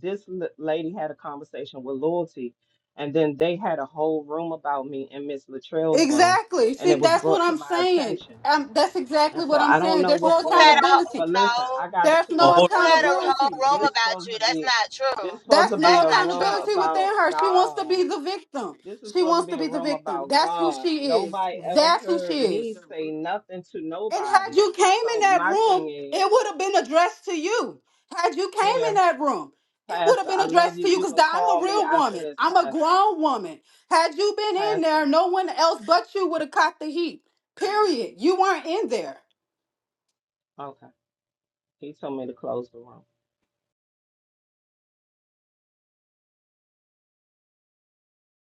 S4: This l- lady had a conversation with Loyalty, and then they had a whole room about me in Miss Latrell's room,
S5: Exactly.
S4: and it
S5: See,
S4: was
S5: that's what
S4: brought to
S5: I'm
S4: my
S5: saying.
S4: attention.
S5: Um, that's exactly
S4: And so
S5: what I'm
S4: I don't
S5: saying.
S4: know
S5: There's
S2: Who,
S4: what's
S5: no
S2: who
S4: going
S2: had
S4: on,
S2: a
S5: accountability.
S4: but listen,
S2: no?
S4: I got
S5: That's
S4: too
S1: hold
S5: no
S4: much
S2: Who had
S4: going
S2: a
S4: on.
S2: whole
S5: accountability.
S2: room
S4: This
S2: about
S4: supposed to
S2: you? That's
S4: be
S2: not true.
S4: this supposed
S5: That's
S4: to be
S5: no
S2: That's
S4: a
S2: not
S4: room
S2: true.
S5: accountability within
S4: about
S5: her. She wants to
S4: God.
S5: be the victim.
S4: This was
S5: She
S4: supposed to
S5: wants
S4: be
S5: to
S4: a
S5: be the
S4: room
S5: victim.
S4: about
S5: That's who
S4: God.
S5: she is.
S4: Nobody ever
S5: That's who she
S4: heard me
S5: is.
S4: say nothing to
S5: And had
S4: nobody.
S5: you came in
S4: So
S5: that
S4: my
S5: room,
S4: thing is,
S5: it would have been addressed to you. Had you came in
S4: well,
S5: that room, it would have
S4: Pastor,
S5: been
S4: I love
S5: addressed
S4: you.
S5: to you
S4: You
S5: because
S4: can
S5: I'm
S4: call
S5: a
S4: me
S5: real
S4: after
S5: woman.
S4: this,
S5: I'm a
S4: Pastor.
S5: grown woman. Had you been in
S4: Pastor.
S5: there, no one else but you would have caught the heat. Period. You weren't in there.
S4: Okay. He told me to close the room.